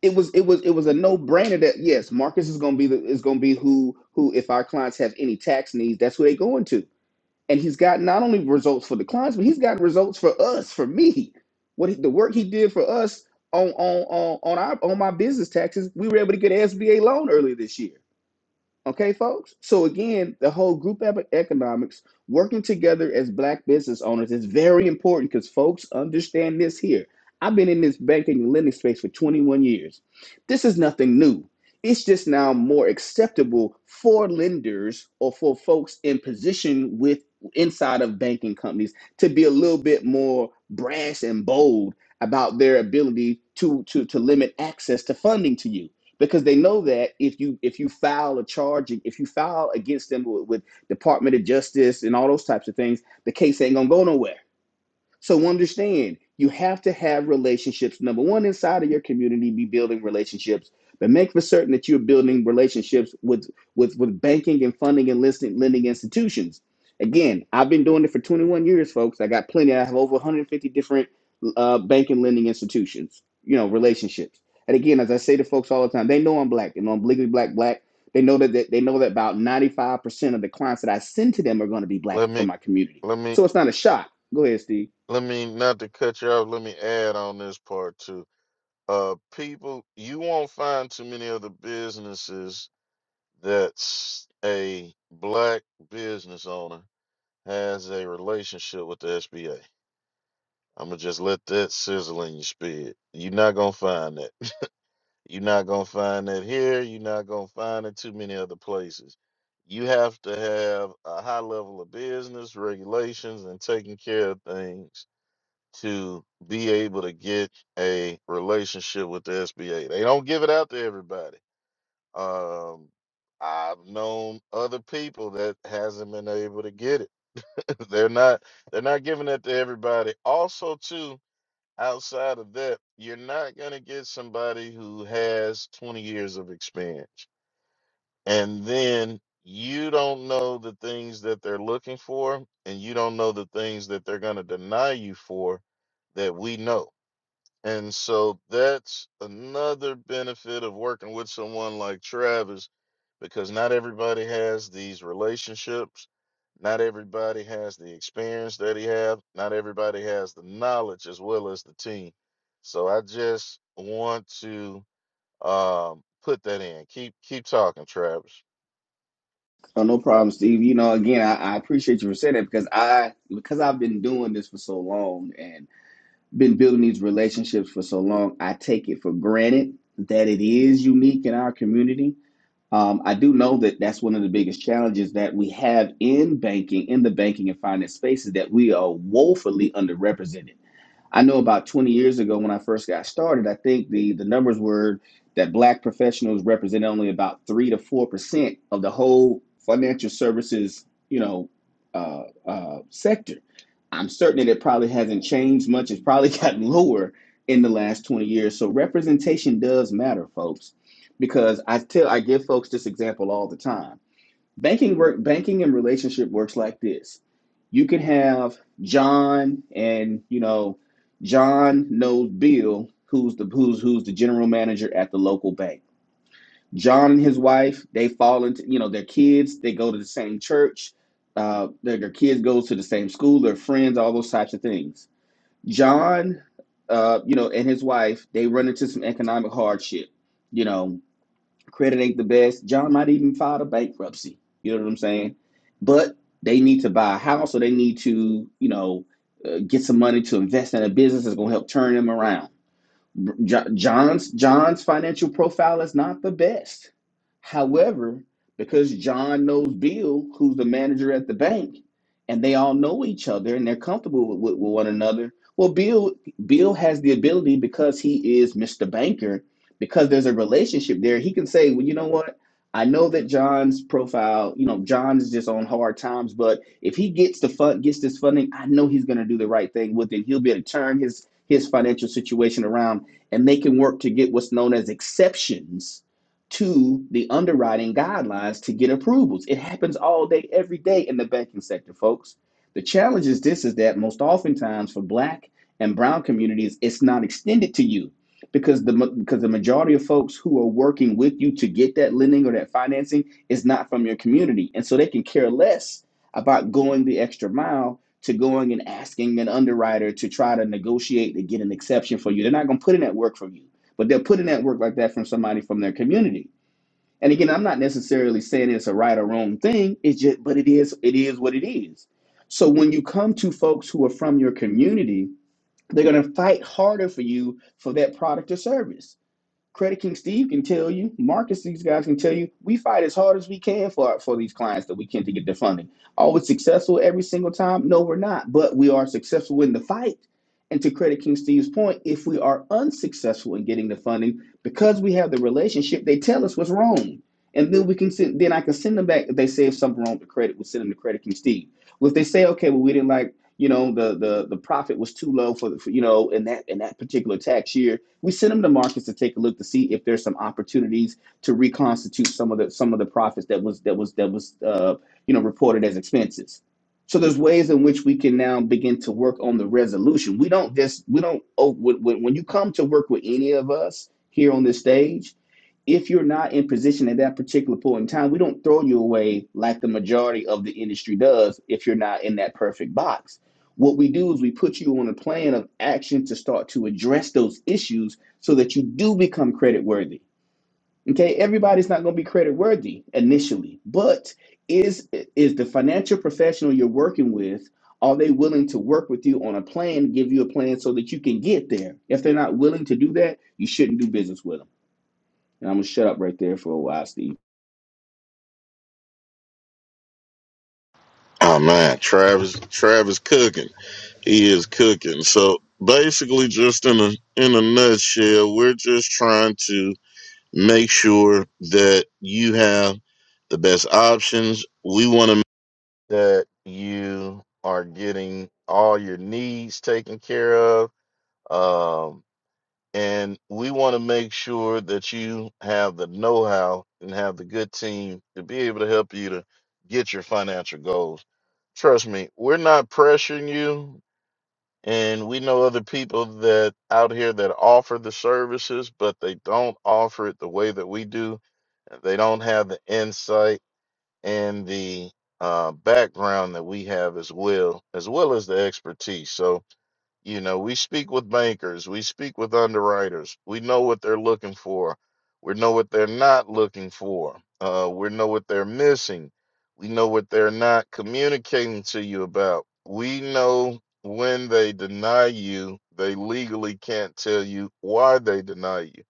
it was it was it was a no brainer that yes, Marcus is gonna be the is gonna be who who if our clients have any tax needs, that's who they going to and he's got not only results for the clients, but he's got results for us, for me. What he, the work he did for us on on on on our on my business taxes, we were able to get an SBA loan earlier this year. Okay, folks. So again, the whole group ep- economics, working together as black business owners is very important because folks understand this here. I've been in this banking and lending space for 21 years. This is nothing new. It's just now more acceptable for lenders or for folks in position with inside of banking companies to be a little bit more brash and bold about their ability to to to limit access to funding to you because they know that if you if you file a charge if you file against them with, with department of justice and all those types of things the case ain't gonna go nowhere so understand, you have to have relationships. Number one, inside of your community, be building relationships, but make for certain that you're building relationships with with with banking and funding and listing lending institutions. Again, I've been doing it for 21 years, folks. I got plenty. I have over 150 different uh, bank and lending institutions. You know, relationships. And again, as I say to folks all the time, they know I'm black. and I'm legally black, black. They know that that- they know that about 95% of the clients that I send to them are going to be black
Let
and
me,
from my community.
let me,
So it's not a shock. Go ahead, Steve.
let me, not to cut you off, let me add on this part too. Uh, people, you won't find too many other businesses that's a black business owner has a relationship with the SBA. I'm gonna just let that sizzle in your spirit. You're not gonna find that. You're not gonna find that here. You're not gonna find it too many other places. You have to have a high level of business regulations and taking care of things to be able to get a relationship with the SBA. They don't give it out to everybody. Um, I've known other people that hasn't been able to get it they're not they're not giving that to everybody. Also, too, outside of that, you're not gonna get somebody who has 20 years of experience. And then you don't know the things that they're looking for, and you don't know the things that they're gonna deny you for that we know. And so that's another benefit of working with someone like Travis because not everybody has these relationships. Not everybody has the experience that he have. Not everybody has the knowledge as well as the team. So I just want to um, put that in. Keep keep talking, Travis.
Oh, no problem, Steve. You know, again, I, I appreciate you for saying that because I because I've been doing this for so long and been building these relationships for so long, I take it for granted that it is unique in our community. Um, I do know that that's one of the biggest challenges that we have in banking, in the banking and finance spaces, that we are woefully underrepresented. I know about 20 years ago when I first got started, I think the, the numbers were that black professionals represented only about three to four percent of the whole financial services, you know, uh, uh, sector. I'm certain that it probably hasn't changed much. It's probably gotten lower in the last 20 years. So representation does matter, folks, because I tell I give folks this example all the time banking work banking and relationship works like this you can have john and you know john knows bill who's the who's who's the general manager at the local bank john and his wife they fall into you know their kids they go to the same church uh, their, their kids go to the same school they're friends all those types of things john uh, you know and his wife they run into some economic hardship you know Credit ain't the best. John might even file a bankruptcy. You know what I'm saying? But they need to buy a house or they need to, you know, uh, get some money to invest in a business that's going to help turn them around. Jo- John's John's financial profile is not the best. However, because John knows Bill, who's the manager at the bank, and they all know each other and they're comfortable with, with, with one another. Well, Bill Bill has the ability because he is Mr. Banker, because there's a relationship there. He can say, "Well, you know what? I know that John's profile, you know, John is just on hard times, but if he gets the fund, gets this funding, I know he's going to do the right thing with it. He'll be able to turn his his financial situation around and they can work to get what's known as exceptions to the underwriting guidelines to get approvals. It happens all day, every day in the banking sector, folks. The challenge is this is that most oftentimes for black and brown communities, it's not extended to you because the because the majority of folks who are working with you to get that lending or that financing is not from your community. And so they can care less about going the extra mile to going and asking an underwriter to try to negotiate to get an exception for you. They're not going to put in that work from you, but they'll put in that work like that from somebody from their community. And again, I'm not necessarily saying it's a right or wrong thing. It's just, but it is, it is what it is. So when you come to folks who are from your community, they're going to fight harder for you for that product or service Credit King Steve can tell you, Marcus, these guys can tell you, we fight as hard as we can for for these clients that we can to get their funding. Are we successful every single time? No, we're not, but we are successful in the fight. And to Credit King Steve's point, if we are unsuccessful in getting the funding because we have the relationship, they tell us what's wrong, and then we can send, then I can send them back. If they say if something wrong with the credit, we send them to Credit King Steve. Well, if they say okay, well we didn't like you know the the the profit was too low for, the, for you know in that in that particular tax year, we send them to markets to take a look to see if there's some opportunities to reconstitute some of the some of the profits that was that was that was uh, you know reported as expenses. So there's ways in which we can now begin to work on the resolution. We don't just we don't oh, when, when when you come to work with any of us here on this stage if you're not in position at that particular point in time, we don't throw you away like the majority of the industry does if you're not in that perfect box. What we do is we put you on a plan of action to start to address those issues so that you do become credit worthy. Okay, everybody's not going to be credit worthy initially, but is is the financial professional you're working with are they willing to work with you on a plan, give you a plan so that you can get there? If they're not willing to do that, you shouldn't do business with them. And I'm gonna shut up right there for a while, Steve.
Oh man, Travis Travis cooking. He is cooking. So basically just in a in a nutshell, we're just trying to make sure that you have the best options. We want to that you are getting all your needs taken care of. Um, and we want to make sure that you have the know how and have the good team to be able to help you to get your financial goals. Trust me, we're not pressuring you. And we know other people that out here that offer the services, but they don't offer it the way that we do. They don't have the insight and the uh, background that we have as well, as well as the expertise. So, you know, we speak with bankers, we speak with underwriters, we know what they're looking for, we know what they're not looking for, uh, we know what they're missing, we know what they're not communicating to you about. We know when they deny you, they legally can't tell you why they deny you,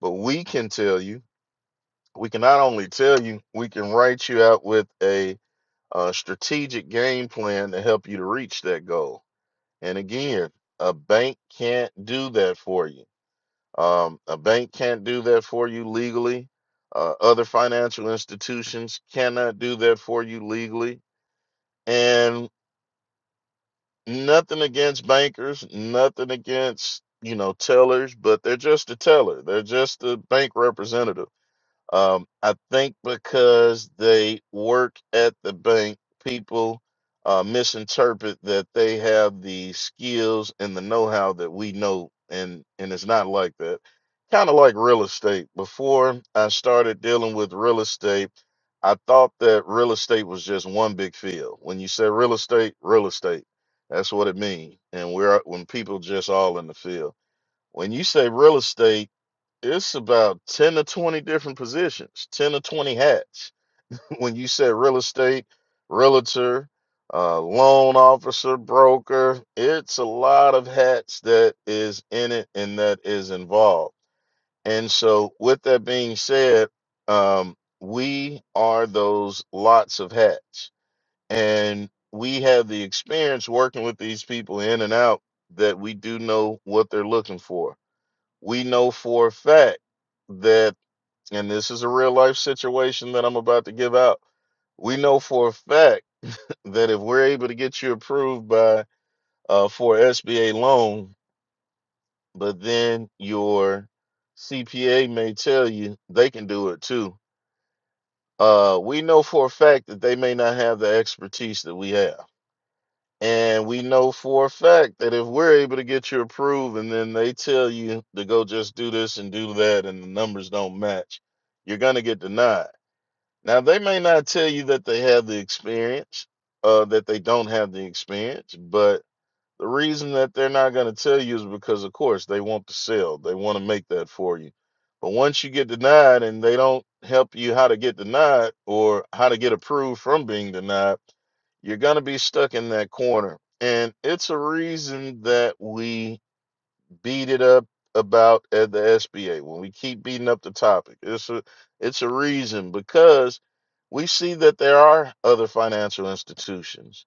but we can tell you. We can not only tell you, we can write you out with a a strategic game plan to help you to reach that goal. And again, a bank can't do that for you. Um, a bank can't do that for you legally. Uh, other financial institutions cannot do that for you legally. And nothing against bankers, nothing against you know tellers, but they're just a teller. They're just a bank representative Um, I think because they work at the bank, people uh, misinterpret that they have the skills and the know-how that we know, and and it's not like that. Kind of like real estate. Before I started dealing with real estate, I thought that real estate was just one big field. When you say real estate, real estate, that's what it means. And we're when people just all in the field. When you say real estate it's about 10 to 20 different positions, 10 to 20 hats. When you said real estate, realtor, uh, loan officer, broker, it's a lot of hats that is in it and that is involved. And so, with that being said, um, we are those lots of hats. And we have the experience working with these people in and out that we do know what they're looking for. We know for a fact that and this is a real life situation that I'm about to give out. We know for a fact that if we're able to get you approved by uh, for a SBA loan, but then your CPA may tell you they can do it too. Uh, we know for a fact that they may not have the expertise that we have. And we know for a fact that if we're able to get you approved and then they tell you to go just do this and do that and the numbers don't match, you're going to get denied Now they may not tell you that they have the experience, uh, that they don't have the experience, but the reason that they're not going to tell you is because, of course, they want to sell. They want to make that for you. But once you get denied and they don't help you how to get denied or how to get approved from being denied, you're going to be stuck in that corner. And it's a reason that we beat it up about at the SBA when we keep beating up the topic. It's a it's a reason because we see that there are other financial institutions.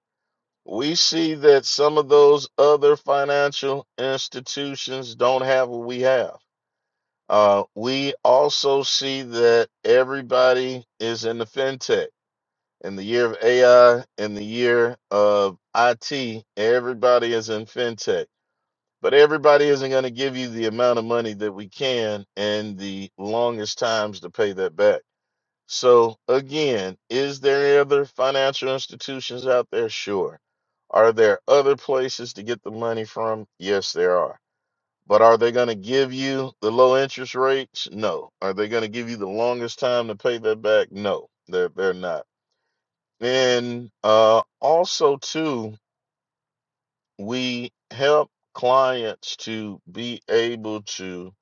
We see that some of those other financial institutions don't have what we have. Uh, we also see that everybody is in the fintech. In the year of AI, in the year of IT, everybody is in fintech but everybody isn't going to give you the amount of money that we can and the longest times to pay that back. So, again, is there other financial institutions out there? Sure. Are there other places to get the money from? Yes, there are. But are they going to give you the low interest rates? No. Are they going to give you the longest time to pay that back? No, they're, they're not. And uh, also, too, we help clients to be able to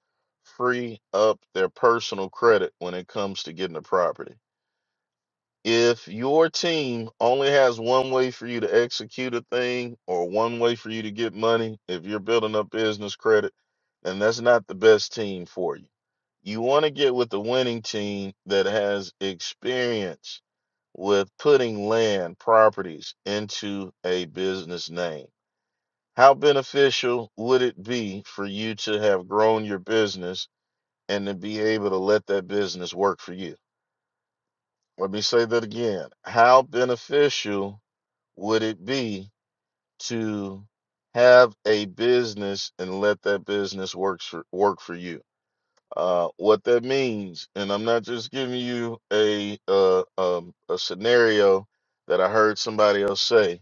free up their personal credit when it comes to getting a property. If your team only has one way for you to execute a thing or one way for you to get money, if you're building up business credit, then that's not the best team for you. You want to get with the winning team that has experience with putting land properties into a business name how beneficial would it be for you to have grown your business and to be able to let that business work for you? Let me say that again. How beneficial would it be to have a business and let that business work for work for you? Uh, what that means, and I'm not just giving you a uh, um, a scenario that I heard somebody else say.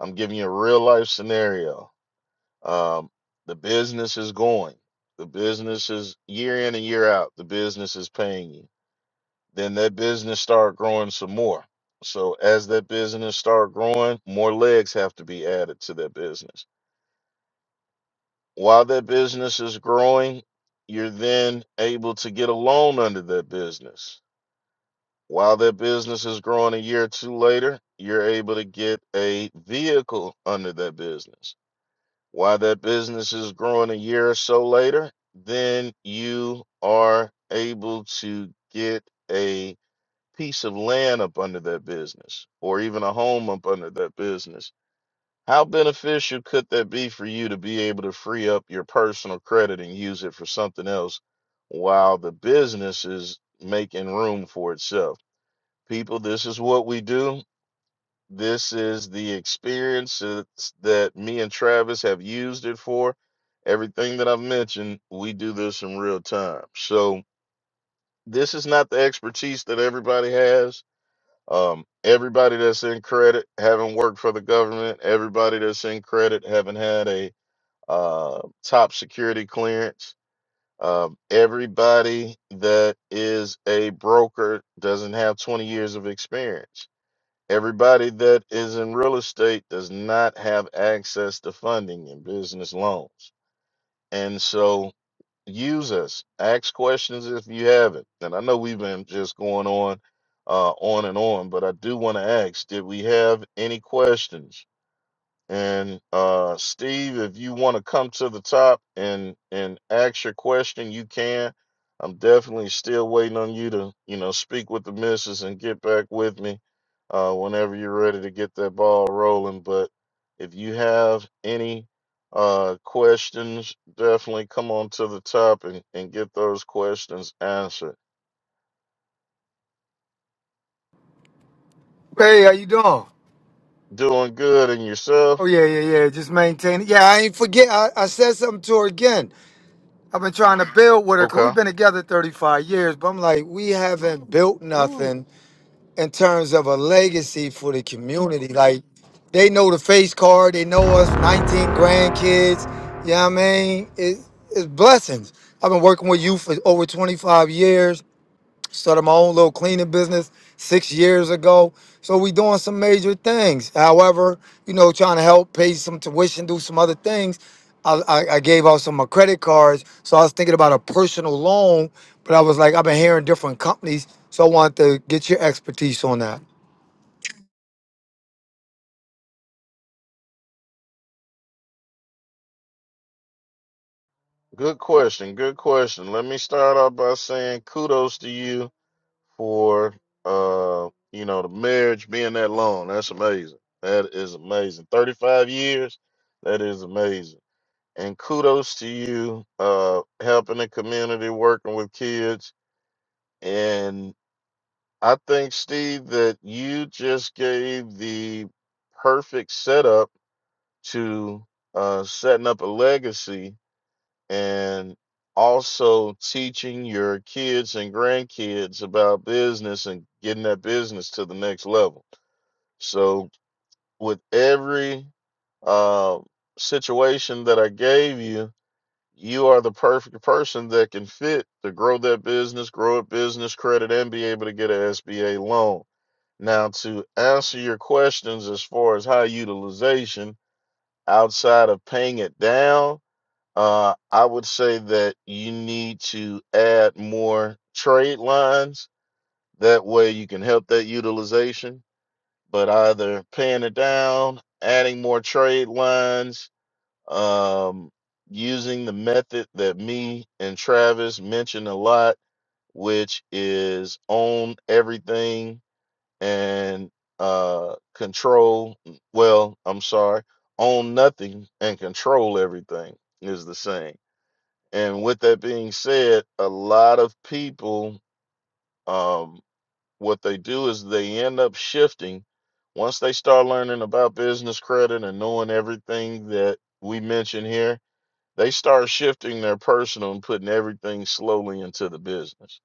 I'm giving you a real life scenario Um, the business is going. The business is year in and year out. The business is paying you. Then that business start growing some more. So as that business start growing, more legs have to be added to that business. While that business is growing, you're then able to get a loan under that business. While that business is growing a year or two later, you're able to get a vehicle under that business Why that business is growing a year or so later, then you are able to get a piece of land up under that business or even a home up under that business. How beneficial could that be for you to be able to free up your personal credit and use it for something else while the business is making room for itself? People, this is what we do. This is the experience that's- that me and Travis have used it for. Everything that I've mentioned, we do this in real time. So this is not the expertise that everybody has. Um, everybody that's in credit haven't worked for the government. Everybody that's in credit haven't had a uh, top security clearance. Um, everybody that is a broker doesn't have 20 years of experience Everybody that is in real estate does not have access to funding and business loans. And so use us. Ask questions if you haven't. And I know we've been just going on uh on and on, but I do want to ask, did we have any questions? And uh, Steve, if you want to come to the top and and ask your question, you can. I'm definitely still waiting on you to, you know, speak with the missus and get back with me uh, whenever you're ready to get that ball rolling. But if you have any uh, questions, definitely come on to the top and, and get those questions answered.
Hey, how you doing? Oh
Doing good and yourself?
yeah, yeah, yeah. Just maintaining. Yeah, I ain't forget. I, I said something to her again. I've been trying to build with her because
Okay.
we've been together 35 years, but I'm like, we haven't built
Woo.
nothing in terms of a legacy for the community. Like, they know the face card. They know us. 19 grandkids. You know what I mean? It, it's blessings. I've been working with you for over 25 years started my own little cleaning business six years ago. So we doing some major things. However, you know, trying to help pay some tuition, do some other things. I, I, I gave out some of my credit cards. So I was thinking about a personal loan, but I was like, I've been hearing different companies. So I wanted to get your expertise on that.
Good question. Good question. Let me start off by saying kudos to you for uh you know the marriage being that long. That's amazing. That is amazing. Thirty five years. That is amazing. And kudos to you uh helping the community, working with kids. And I think Steve that you just gave the perfect setup to uh setting up a legacy and also teaching your kids and grandkids about business and getting that business to the next level. So, with every uh, situation that I gave you, you are the perfect person that can fit to grow that business, grow a business credit, and be able to get an SBA loan. Now, to answer your questions as far as high utilization outside of paying it down, uh, I would say that you need to add more trade lines. That way you can help that utilization, but either paying it down, adding more trade lines, um, using the method that me and Travis mentioned a lot, which is own everything and uh, control. Well, I'm sorry, own nothing and control everything is the same and with that being said, a lot of people, um, what they do is they end up shifting once they start learning about business credit and knowing everything that we mentioned here. They start shifting their personal and putting everything slowly into the business.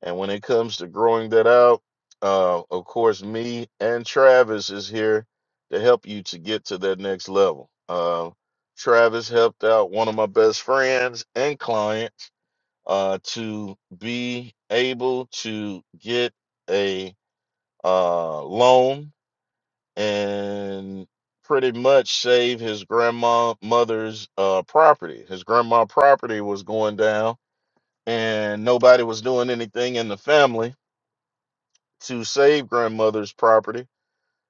And when it comes to growing that out, uh, of course, me and Travis is here to help you to get to that next level. Uh, Travis helped out one of my best friends and clients uh, to be able to get a uh, loan and pretty much save his grandma mother's uh, property. His grandma property was going down, and nobody was doing anything in the family to save grandmother's property.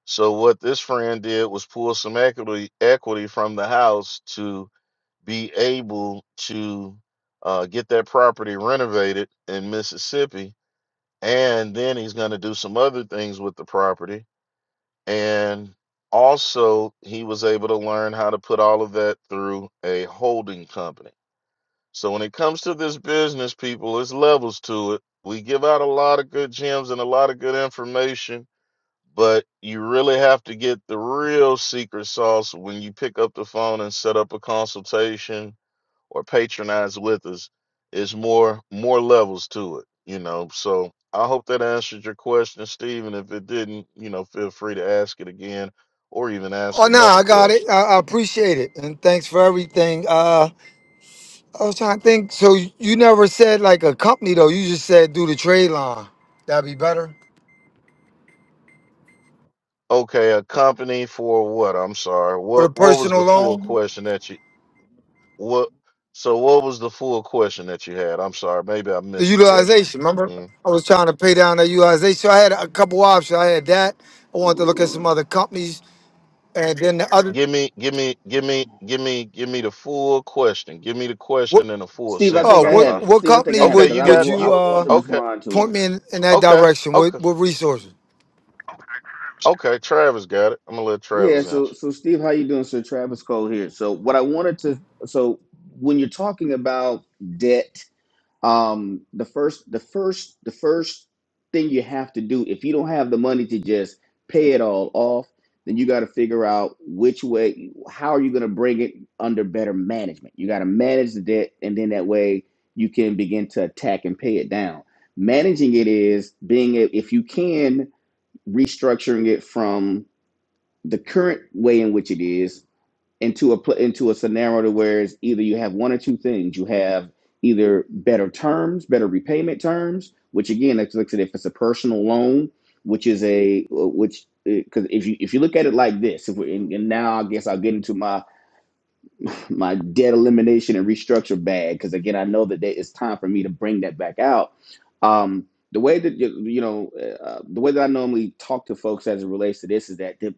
So what this friend did was pull some equity equity from the house to be able to uh, get that property renovated in Mississippi and then he's going to do some other things with the property and also he was able to learn how to put all of that through a holding company so when it comes to this business people it's levels to it we give out a lot of good gems and a lot of good information but you really have to get the real secret sauce when you pick up the phone and set up a consultation or patronize with us it's more more levels to it you know so i hope that answered your question Stephen. if it didn't you know feel free to ask it again or even ask
Oh no,
another
I got it.
question
I, I appreciate it, and thanks for everything. Uh, I was trying to think. So you never said like a company though. You just said do the trade line. That'd be better
okay a company for what i'm sorry
for the
what what was
personal
the full
loan.
question that you what so what was the full question that you had i'm sorry maybe i
the
missed the question
utilization. Remember,
Mm.
I was trying to pay down that utilization. So I had a couple options. I had that. I wanted to look at some other companies, and then the other.
give me give me give me give me give me the full question give me the
What?
question in a full
Steve, I
sentence
Oh,
think I
i'm
what?
have
sorry
it.
What
Steve, I think I
company
have it
okay
would
because
you
I was
would
got
I
you
you
was wanting
uh,
to
okay
respond to
point
him.
me in, in that
Okay,
direction?
okay,
What? What resources?
okay. Travis got it. I'm gonna let
Yeah.
Travis
So
answer.
so Steve, how you doing? Sir Travis Cole here. So what I wanted to so when you're talking about debt um the first the first the first thing you have to do if you don't have the money to just pay it all off then you got to figure out which way how are you going to bring it under better management you got to manage the debt and then that way you can begin to attack and pay it down managing it is being a- if you can restructuring it from the current way in which it is into a pl- into a scenario to where it's either you have one or two things. You have either better terms, better repayment terms, which again, like like I said, if it's a personal loan, which is a uh, which because if you if you look at it like this, if we and now I guess I'll get into my my debt elimination and restructure bag because again i know that it's time for me to bring that back out um, the way that you, you know uh, uh, the way that i normally talk to folks as it relates to this is that the,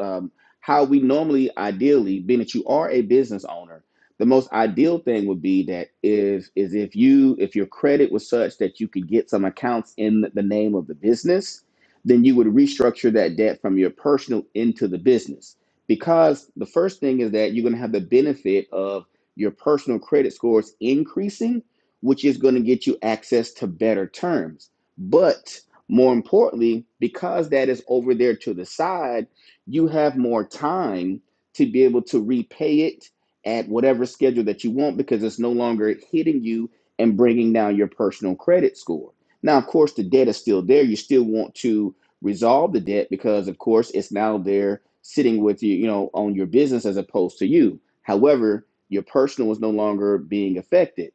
um, how we normally ideally being that you are a business owner the most ideal thing would be that is is if you if your credit was such that you could get some accounts in the name of the business then you would restructure that debt from your personal into the business because the first thing is that you're going to have the benefit of your personal credit scores increasing, which is going to get you access to better terms. But more importantly, because that is over there to the side, you have more time to be able to repay it at whatever schedule that you want because it's no longer hitting you and bringing down your personal credit score. Now, of course, the debt is still there. You still want to resolve the debt because of course it's now there sitting with you you know on your business as opposed to you however your personal is no longer being affected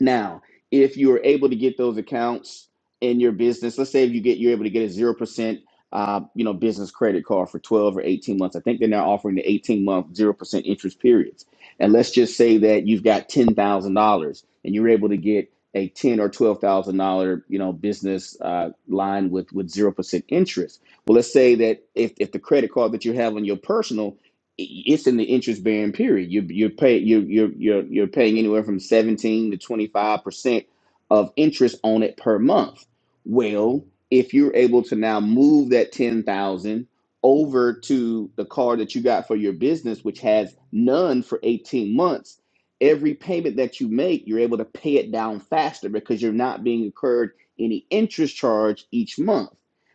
now, if you are able to get those accounts in your business, let's say if you get you're able to get a zero percent, uh, you know, business credit card for twelve or eighteen months. I think they're now offering the eighteen month zero percent interest periods. And let's just say that you've got ten thousand dollars and you're able to get a ten or twelve thousand dollar, you know, business uh, line with with zero percent interest. Well, let's say that if if the credit card that you have on your personal it's in the interest bearing period. You you're pay you you're you're you're paying anywhere from 17 to 25 percent of interest on it per month. Well, if you're able to now move that 10,000 over to the card that you got for your business, which has none for 18 months, every payment that you make, you're able to pay it down faster because you're not being incurred any interest charge each month.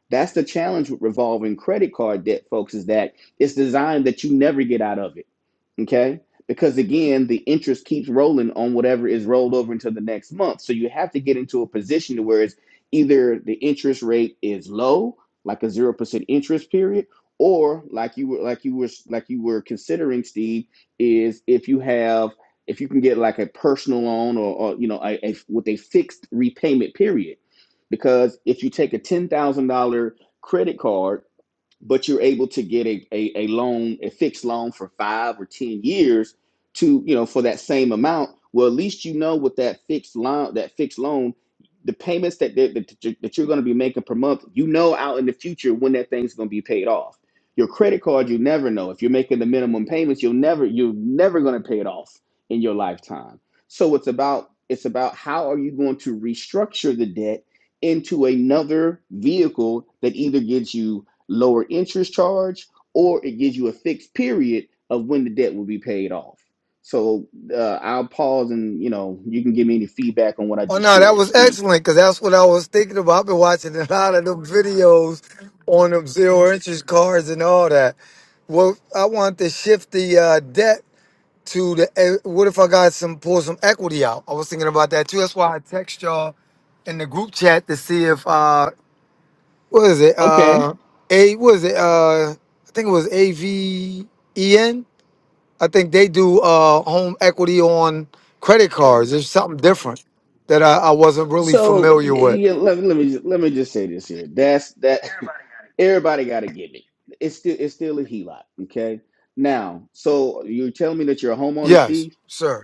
That's the challenge with revolving credit card debt, folks, is that it's designed that you never get out of it. Okay. Because again, the interest keeps rolling on whatever is rolled over into the next month. So you have to get into a position to where it's either the interest rate is low, like a zero percent interest period, or like you were like you were like you were considering, Steve, is if you have if you can get like a personal loan or, or you know a, a with a fixed repayment period, because if you take a ten thousand dollar credit card but you're able to get a, a, a loan, a fixed loan for five or 10 years to, you know, for that same amount. Well, at least you know with that fixed loan, that fixed loan, the payments that, that, that you- that you're going to be making per month, you know, out in the future when that thing's going to be paid off. Your credit card, you never know. If you're making the minimum payments, you'll never, you're never going to pay it off in your lifetime. So it's about, it's about how are you going to restructure the debt into another vehicle that either gives you lower interest charge, or it gives you a fixed period of when the debt will be paid off. So uh, I'll pause and you know you can give me any feedback on what I
Oh
just
no, that
shared,
was
Steve.
excellent because that's what I was thinking about. I've been watching a lot of them videos on them zero interest cards and all that. Well, I wanted to shift the uh, debt to the eh, what if I got some pull some equity out? I was thinking about that too. That's why I text y'all in the group chat to see if uh what is it?
Okay.
Uh A what is it? Uh I think it was A V E N. I think they do uh home equity on credit cards. There's something different that I, I wasn't really
So
familiar with.
yeah, let, let me just, let me just say this here. That's that. Everybody got to give it. It's still it's still a HELOC. Okay. Now, so you're telling me that you're a homeowner,
Yes,
Steve?
sir.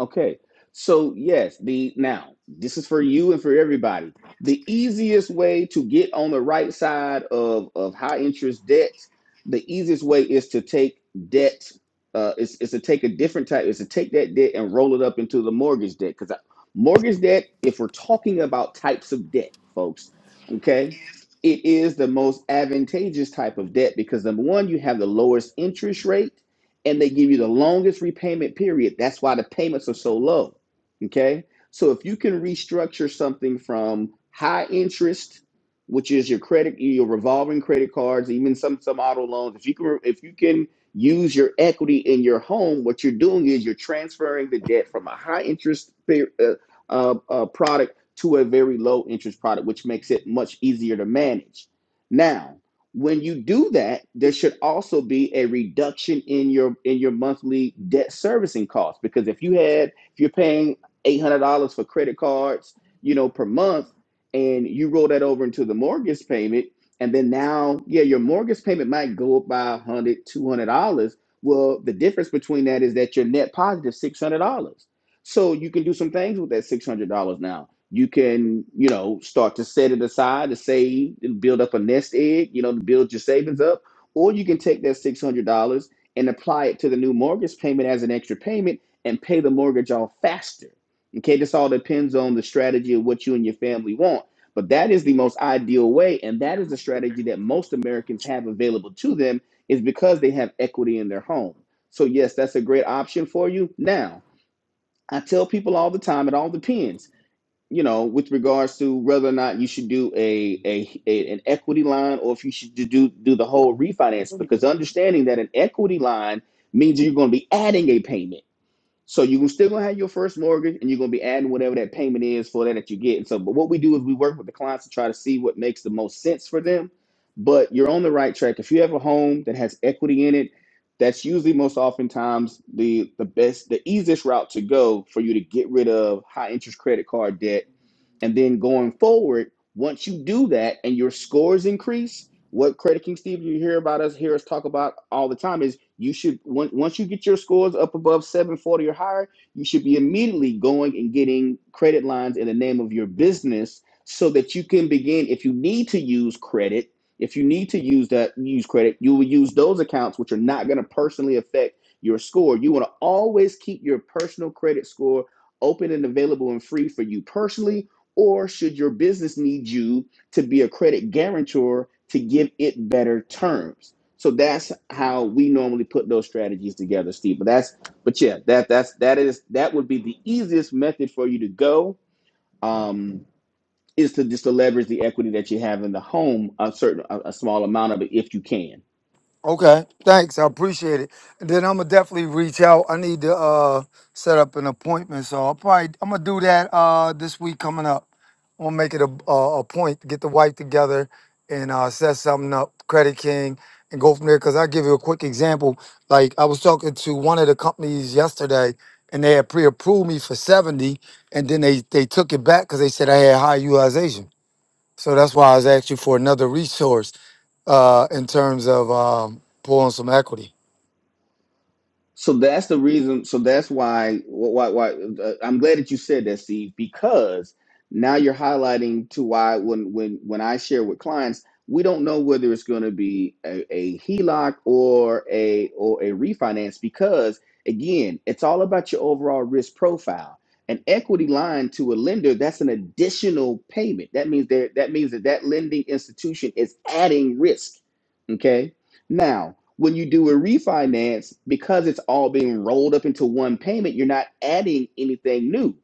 Okay. So yes, the now this is for you and for everybody. The easiest way to get on the right side of of high interest debt, the easiest way is to take debt. Uh, is, is to take a different type. Is to take that debt and roll it up into the mortgage debt. Because mortgage debt, if we're talking about types of debt, folks, okay, it is the most advantageous type of debt because number one, you have the lowest interest rate and they give you the longest repayment period. That's why the payments are so low. Okay. So if you can restructure something from high interest, which is your credit, your revolving credit cards, even some some auto loans, if you can if you can use your equity in your home, what you're doing is you're transferring the debt from a high interest pe- uh, uh, uh, product to a very low interest product, which makes it much easier to manage. Now when you do that there should also be a reduction in your in your monthly debt servicing costs because if you had if you're paying $800 for credit cards you know per month and you roll that over into the mortgage payment and then now yeah your mortgage payment might go up by $100 $200 well the difference between that is that your net $600 so you can do some things with that $600 now you can you know start to set it aside to save and build up a nest egg you know to build your savings up or you can take that $600 and apply it to the new mortgage payment as an extra payment and pay the mortgage off faster okay this all depends on the strategy of what you and your family want but that is the most ideal way and that is the strategy that most americans have available to them is because they have equity in their home so yes that's a great option for you now i tell people all the time it all depends you know, with regards to whether or not you should do a, a, a an equity line or if you should do do the whole refinance, because understanding that an equity line means you're going to be adding a payment. So you're still going to have your first mortgage, and you're going to be adding whatever that payment is for that that you get. And so, but what we do is we work with the clients to try to see what makes the most sense for them. But you're on the right track. If you have a home that has equity in it, that's usually most oftentimes the the best, the easiest route to go for you to get rid of high interest credit card debt and then going forward, once you do that and your scores increase, what Credit King Steve you hear about us hear us talk about all the time is you should on- once you get your scores up above 740 or higher, you should be immediately going and getting credit lines in the name of your business so that you can begin if you need to use credit, if you need to use that use credit, you will use those accounts which are not going to personally affect your score. You want to always keep your personal credit score open and available and free for you personally or should your business need you to be a credit guarantor to give it better terms? So that's how we normally put those strategies together, Steve. But that's but yeah, that that's that is that would be the easiest method for you to go. Um, is to just to leverage the equity that you have in the home a certain a, a small amount of it if you can.
Okay, thanks. I appreciate it. And then I'm gonna definitely reach out. I need to uh set up an appointment, so I'll probably I'm gonna do that uh this week coming up. I'm gonna make it a a, a point to get the wife together and uh set something up, Credit King, and go from there. Cause I'll give you a quick example. Like I was talking to one of the companies yesterday, and they had pre-approved me for 70, and then they they took it back because they said I had high utilization. So that's why I was asking for another resource uh, in terms of um, pulling some equity.
So that's the reason. So that's why. Why? Why? Uh, I'm glad that you said that, Steve, because now you're highlighting to why when when when I share with clients, we don't know whether it's going to be a, a HELOC or a or a refinance because again, it's all about your overall risk profile. An equity line to a lender that's an additional payment. That means that that means that that lending institution is adding risk. Okay now, when you do a refinance, because it's all being rolled up into one payment, you're not adding anything new.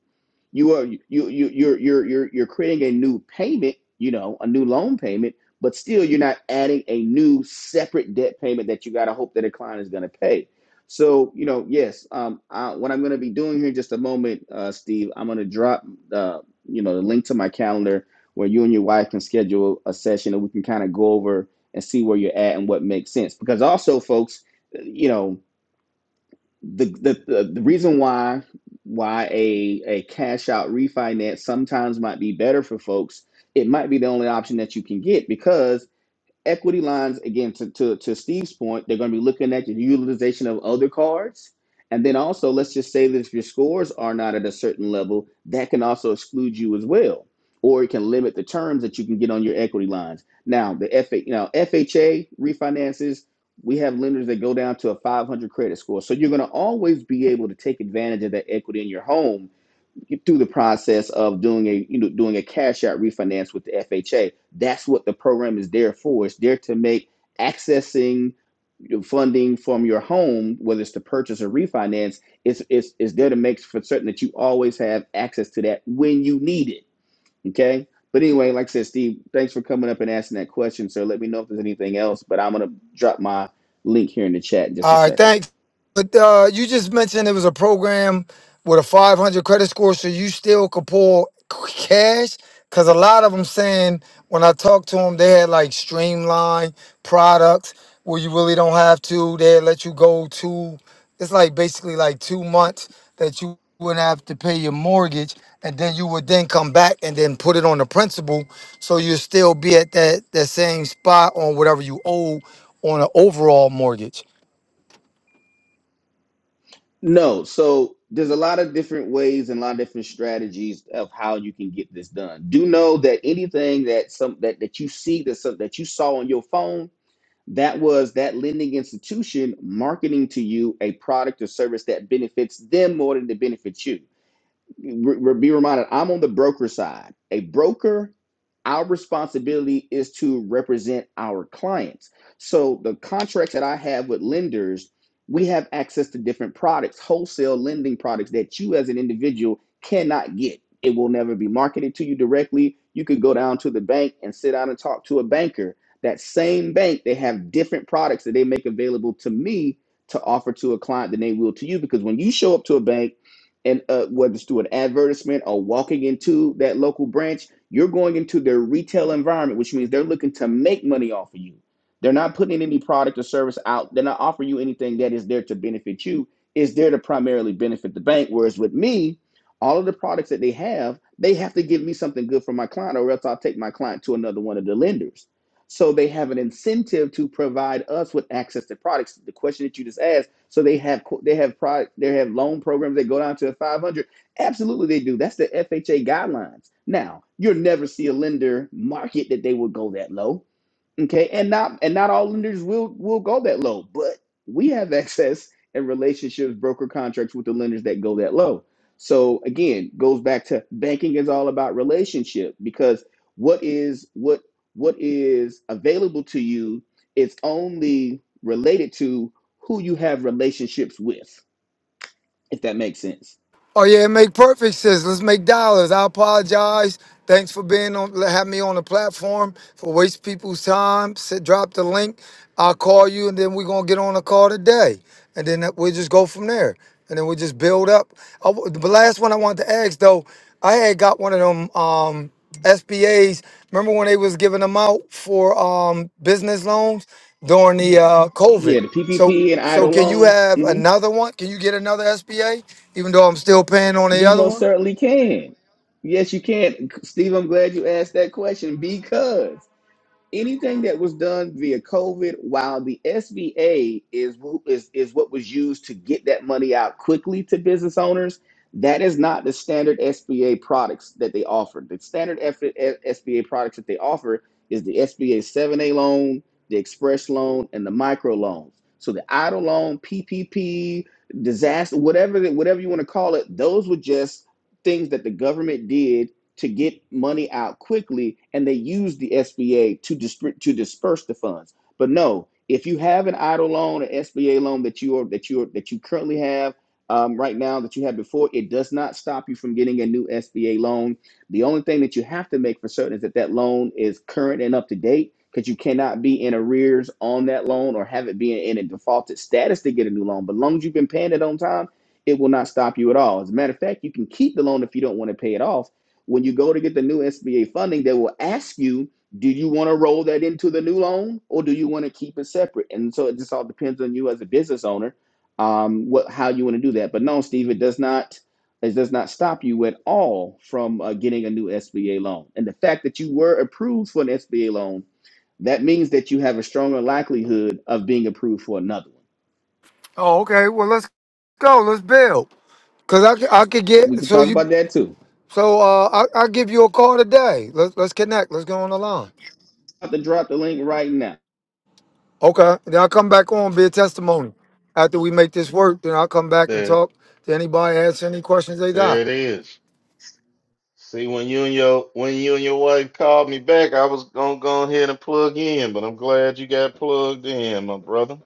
You are you you you're you're you're you're creating a new payment, you know, a new loan payment, but still you're not adding a new separate debt payment that you got to hope that a client is going to pay. So you know, yes, um, I, what I'm going to be doing here in just a moment, uh, Steve, I'm going to drop uh, you know the link to my calendar where you and your wife can schedule a session and we can kind of go over and see where you're at and what makes sense. Because also, folks, you know the the, the the reason why why a a cash out refinance sometimes might be better for folks it might be the only option that you can get because equity lines again to, to, to steve's point they're going to be looking at the utilization of other cards and then also let's just say that if your scores are not at a certain level that can also exclude you as well or it can limit the terms that you can get on your equity lines now the FA, you know, fha refinances we have lenders that go down to a 500 credit score so you're going to always be able to take advantage of that equity in your home through the process of doing a you know doing a cash out refinance with the FHA. That's what the program is there for. It's there to make accessing funding from your home, whether it's to purchase or refinance, it's it's it's there to make for certain that you always have access to that when you need it. Okay. But anyway, like I said, Steve, thanks for coming up and asking that question, sir. Let me know if there's anything else, but I'm gonna drop my link here in the chat in just a
All right,
second.
thanks. But uh, you just mentioned it was a program with a 500 credit score, so you still could pull c- cash? Because a lot of them saying when I talked to them, they had like streamlined products where you really don't have to. They let you go to, it's like basically like two months that you wouldn't have to pay your mortgage. And then you would then come back and then put it on the principal. So you still be at that, that same spot on whatever you owe on an overall mortgage.
No, so there's a lot of different ways and a lot of different strategies of how you can get this done. Do know that anything that some that that you see that some, that you saw on your phone, that was that lending institution marketing to you a product or service that benefits them more than it benefits you re- be reminded I'm on the broker side. A broker, our responsibility is to represent our clients. So the contracts that I have with lenders, we have access to different products, wholesale lending products that you as an individual cannot get. It will never be marketed to you directly. You could go down to the bank and sit down and talk to a banker. That same bank, they have different products that they make available to me to offer to a client than they will to you because when you show up to a bank, and uh, whether it's through an advertisement or walking into that local branch, you're going into their retail environment, which means they're looking to make money off of you. They're not putting any product or service out. They're not offering you anything that is there to benefit you. It's there to primarily benefit the bank. Whereas with me, all of the products that they have, they have to give me something good for my client, or else I'll take my client to another one of the lenders. So they have an incentive to provide us with access to products. The question that you just asked so they have they have pro, they have loan programs that go down to 500. Absolutely, they do. That's the FHA guidelines. Now you'll never see a lender market that they would go that low Okay, and not and not all lenders will will go that low, but we have access and relationships, broker contracts with the lenders that go that low. So again, goes back to banking is all about relationship because what is what what is available to you is only related to who you have relationships with, if that makes sense.
Oh yeah, it make perfect sense. Let's make dollars. I apologize. Thanks for being on, having me on the platform for waste people's time. Sit, drop the link. I'll call you, and then we're gonna get on a call today, and then that- we'll just go from there, and then we'll just build up. I w the last one I wanted to ask though, I had got one of them um, SBA's. Remember when they was giving them out for um, business loans during the uh,
Yeah,
COVID?
the
So
PPP and
so
idle
can you
loans,
have
hmm
another one? Can you get another SBA? Even though I'm still paying on the
you
other
most
one?
certainly can. Yes, you can. Steve, I'm glad you asked that question because anything that was done via COVID, while the SBA is who- is is what was used to get that money out quickly to business owners, that is not the standard SBA products that they offer. The standard F- SBA products that they offer is the SBA 7A loan, the express loan, and the micro loans. So the idle loan, PPP, disaster, whatever whatever you want to call it, those were just things that the government did to get money out quickly, and they use the SBA to distrib- to disperse the funds. But no, if you have an idle loan, an SBA loan that you are that you are that you currently have um, right now that you had before, it does not stop you from getting a new SBA loan. The only thing that you have to make for certain is that that loan is current and up to date. Because you cannot be in arrears on that loan or have it be in a defaulted status to get a new loan. But as long as you've been paying it on time, it will not stop you at all. As a matter of fact, you can keep the loan if you don't want to pay it off when you go to get the new SBA funding, they will ask you, do you want to roll that into the new loan or do you want to keep it separate? And so it just all depends on you as a business owner, um, what how you want to do that. But no, Steve, it does not it does not stop you at all from uh, getting a new SBA loan. And the fact that you were approved for an SBA loan, that means that you have a stronger likelihood of being approved for another one.
Oh, okay. Well, let's go. Let's build. Cause I, c- I could
We
get
can
so
talk
you
about that too.
so uh I will give you a call today. Let's let's connect. Let's go on the line.
I have to drop the link right now.
Okay. Then I'll come back on be a testimony. After we make this work, then I'll come back and
There,
talk to anybody, ask any questions they
there
got.
it is. See, when you and your when you and your wife called me back, I was gonna go ahead and plug in, but I'm glad you got plugged in, my brother.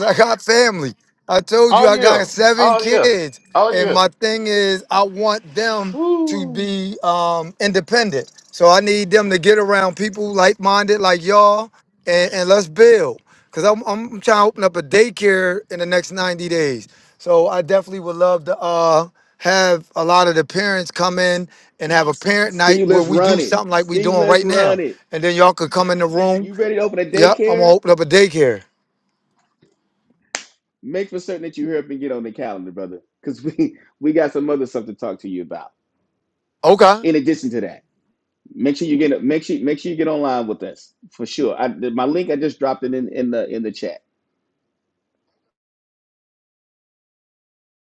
I got family. I told
Oh
you I
yeah,
got seven
oh yeah,
kids,
oh
and
yeah.
my thing is I want them to
Woo!
be um, independent. So I need them to get around people like-minded like y'all, and, and let's build. Cause I'm I'm trying to open up a daycare in the next 90 days. So I definitely would love to uh, have a lot of the parents come in and have a parent night
Steve,
where
let's
we
run
do
it.
something like we
Steve,
doing
let's
right
run
now,
it.
and then y'all could come in the room.
You ready to open a
Yep, I'm gonna
daycare?
open up a daycare.
Make for certain that you hurry up and get on the calendar, brother, because we we got some other stuff to talk to you about.
Okay.
In addition to that, make sure you get make sure make sure you get online with us for sure. I, my link I just dropped it in in the in the chat.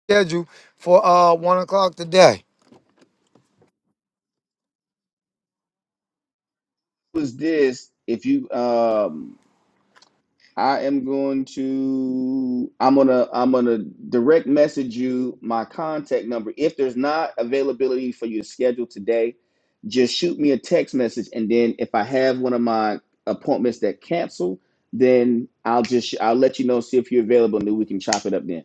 schedule for uh one o'clock today.
Was this if you um I am going to I'm gonna I'm gonna direct message you my contact number. If there's not availability for your schedule today, just shoot me a text message and then if I have one of my appointments that cancel, then I'll just I'll let you know see if you're available and then we can chop it up then.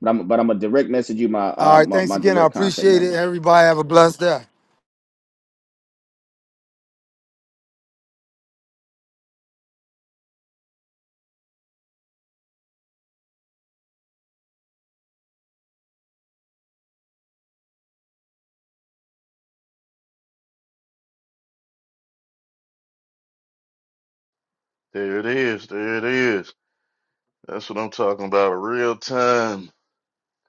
But I'm but I'm gonna direct message you my
All
uh
right,
my,
thanks
my
again. I
direct contact
appreciate it.
number.
Everybody have a blessed day.
There it is, there it is. That's what I'm talking about. Real time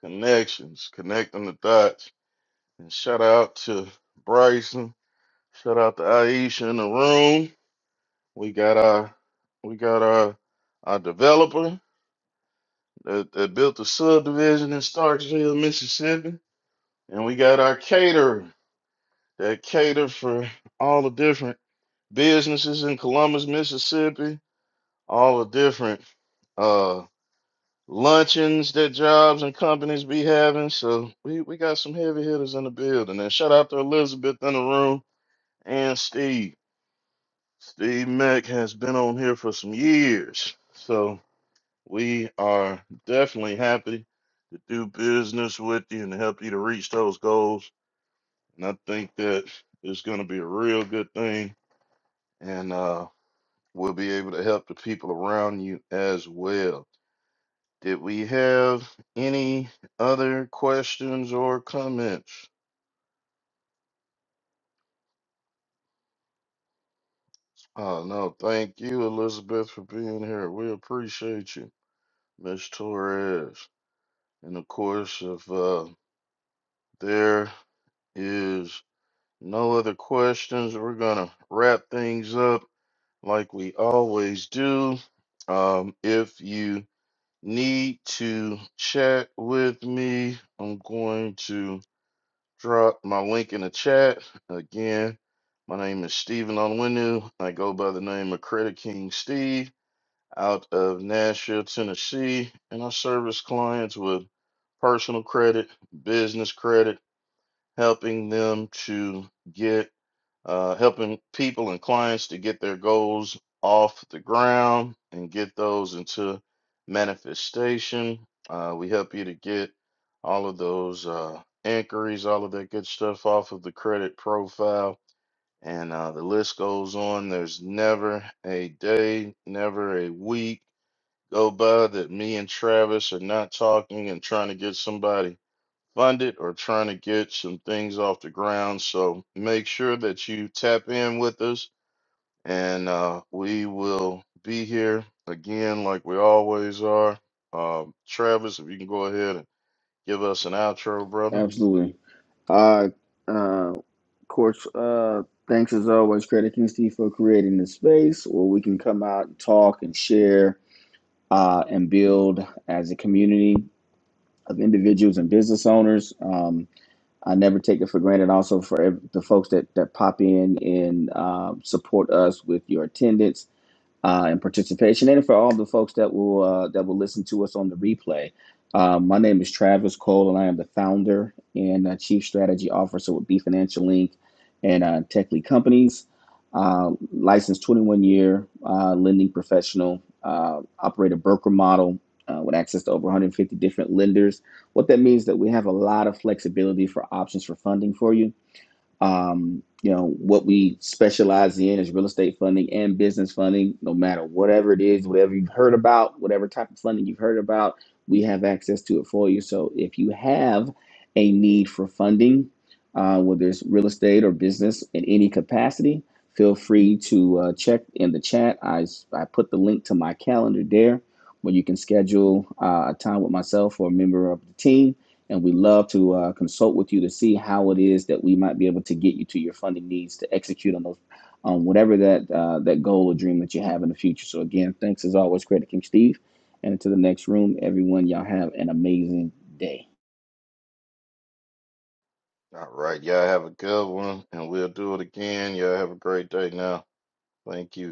connections, connecting the dots. And shout out to Bryson. Shout out to Aisha in the room. We got our we got our our developer that, that built the subdivision in Starksville, Mississippi, and we got our caterer that cater for all the different businesses in Columbus, Mississippi, all the different uh luncheons that jobs and companies be having. So we, we got some heavy hitters in the building. And shout out to Elizabeth in the room and Steve. Steve Mack has been on here for some years. So We are definitely happy to do business with you and to help you to reach those goals. And I think that it's going to be a real good thing. And uh, we'll be able to help the people around you as well. Did we have any other questions or comments? Oh, no. Thank you, Elizabeth, for being here. We appreciate you, Miss Torres. And of course, if uh, there is No other questions. We're gonna wrap things up like we always do. Um, if you need to chat with me, I'm going to drop my link in the chat. Again, my name is Stephen Onwenu. I go by the name of Credit King Steve out of Nashville, Tennessee, and I service clients with personal credit, business credit, helping them to get uh, helping people and clients to get their goals off the ground and get those into manifestation. Uh, we help you to get all of those uh, inquiries, all of that good stuff off of the credit profile. And uh, the list goes on. There's never a day, never a week go by that me and Travis are not talking and trying to get somebody funded or trying to get some things off the ground. So make sure that you tap in with us, and uh, we will be here again like we always are. Um, Travis, if you can go ahead and give us an outro, brother.
Absolutely. Uh, uh Of course, uh, thanks as always, Credit King Steve, for creating this space where we can come out and talk and share uh, and build as a community of individuals and business owners. Um, I never take it for granted also for ev- the folks that, that pop in and uh, support us with your attendance uh, and participation. And for all the folks that will uh, that will listen to us on the replay, uh, my name is Travis Cole, and I am the founder and uh, chief strategy officer with B Financial Inc. and uh, Tech Lead Companies. Uh, licensed 21 year uh, lending professional, uh, operate a broker model uh, with access to over 150 different lenders. What that means that we have a lot of flexibility for options for funding for you um, you know, what we specialize in is real estate funding and business funding, no matter whatever it is, whatever you've heard about, whatever type of funding you've heard about, we have access to it for you. So if you have a need for funding, uh, whether it's real estate or business in any capacity, feel free to uh, check in the chat. I I put the link to my calendar there where you can schedule uh, a time with myself or a member of the team and we love to uh, consult with you to see how it is that we might be able to get you to your funding needs to execute on those on um, whatever that uh, that goal or dream that you have in the future. So again, thanks as always, Credit King Steve, and to the next room, everyone. Y'all have an amazing day.
All right. Y'all have a good one, and we'll do it again. Y'all have a great day now. Thank you.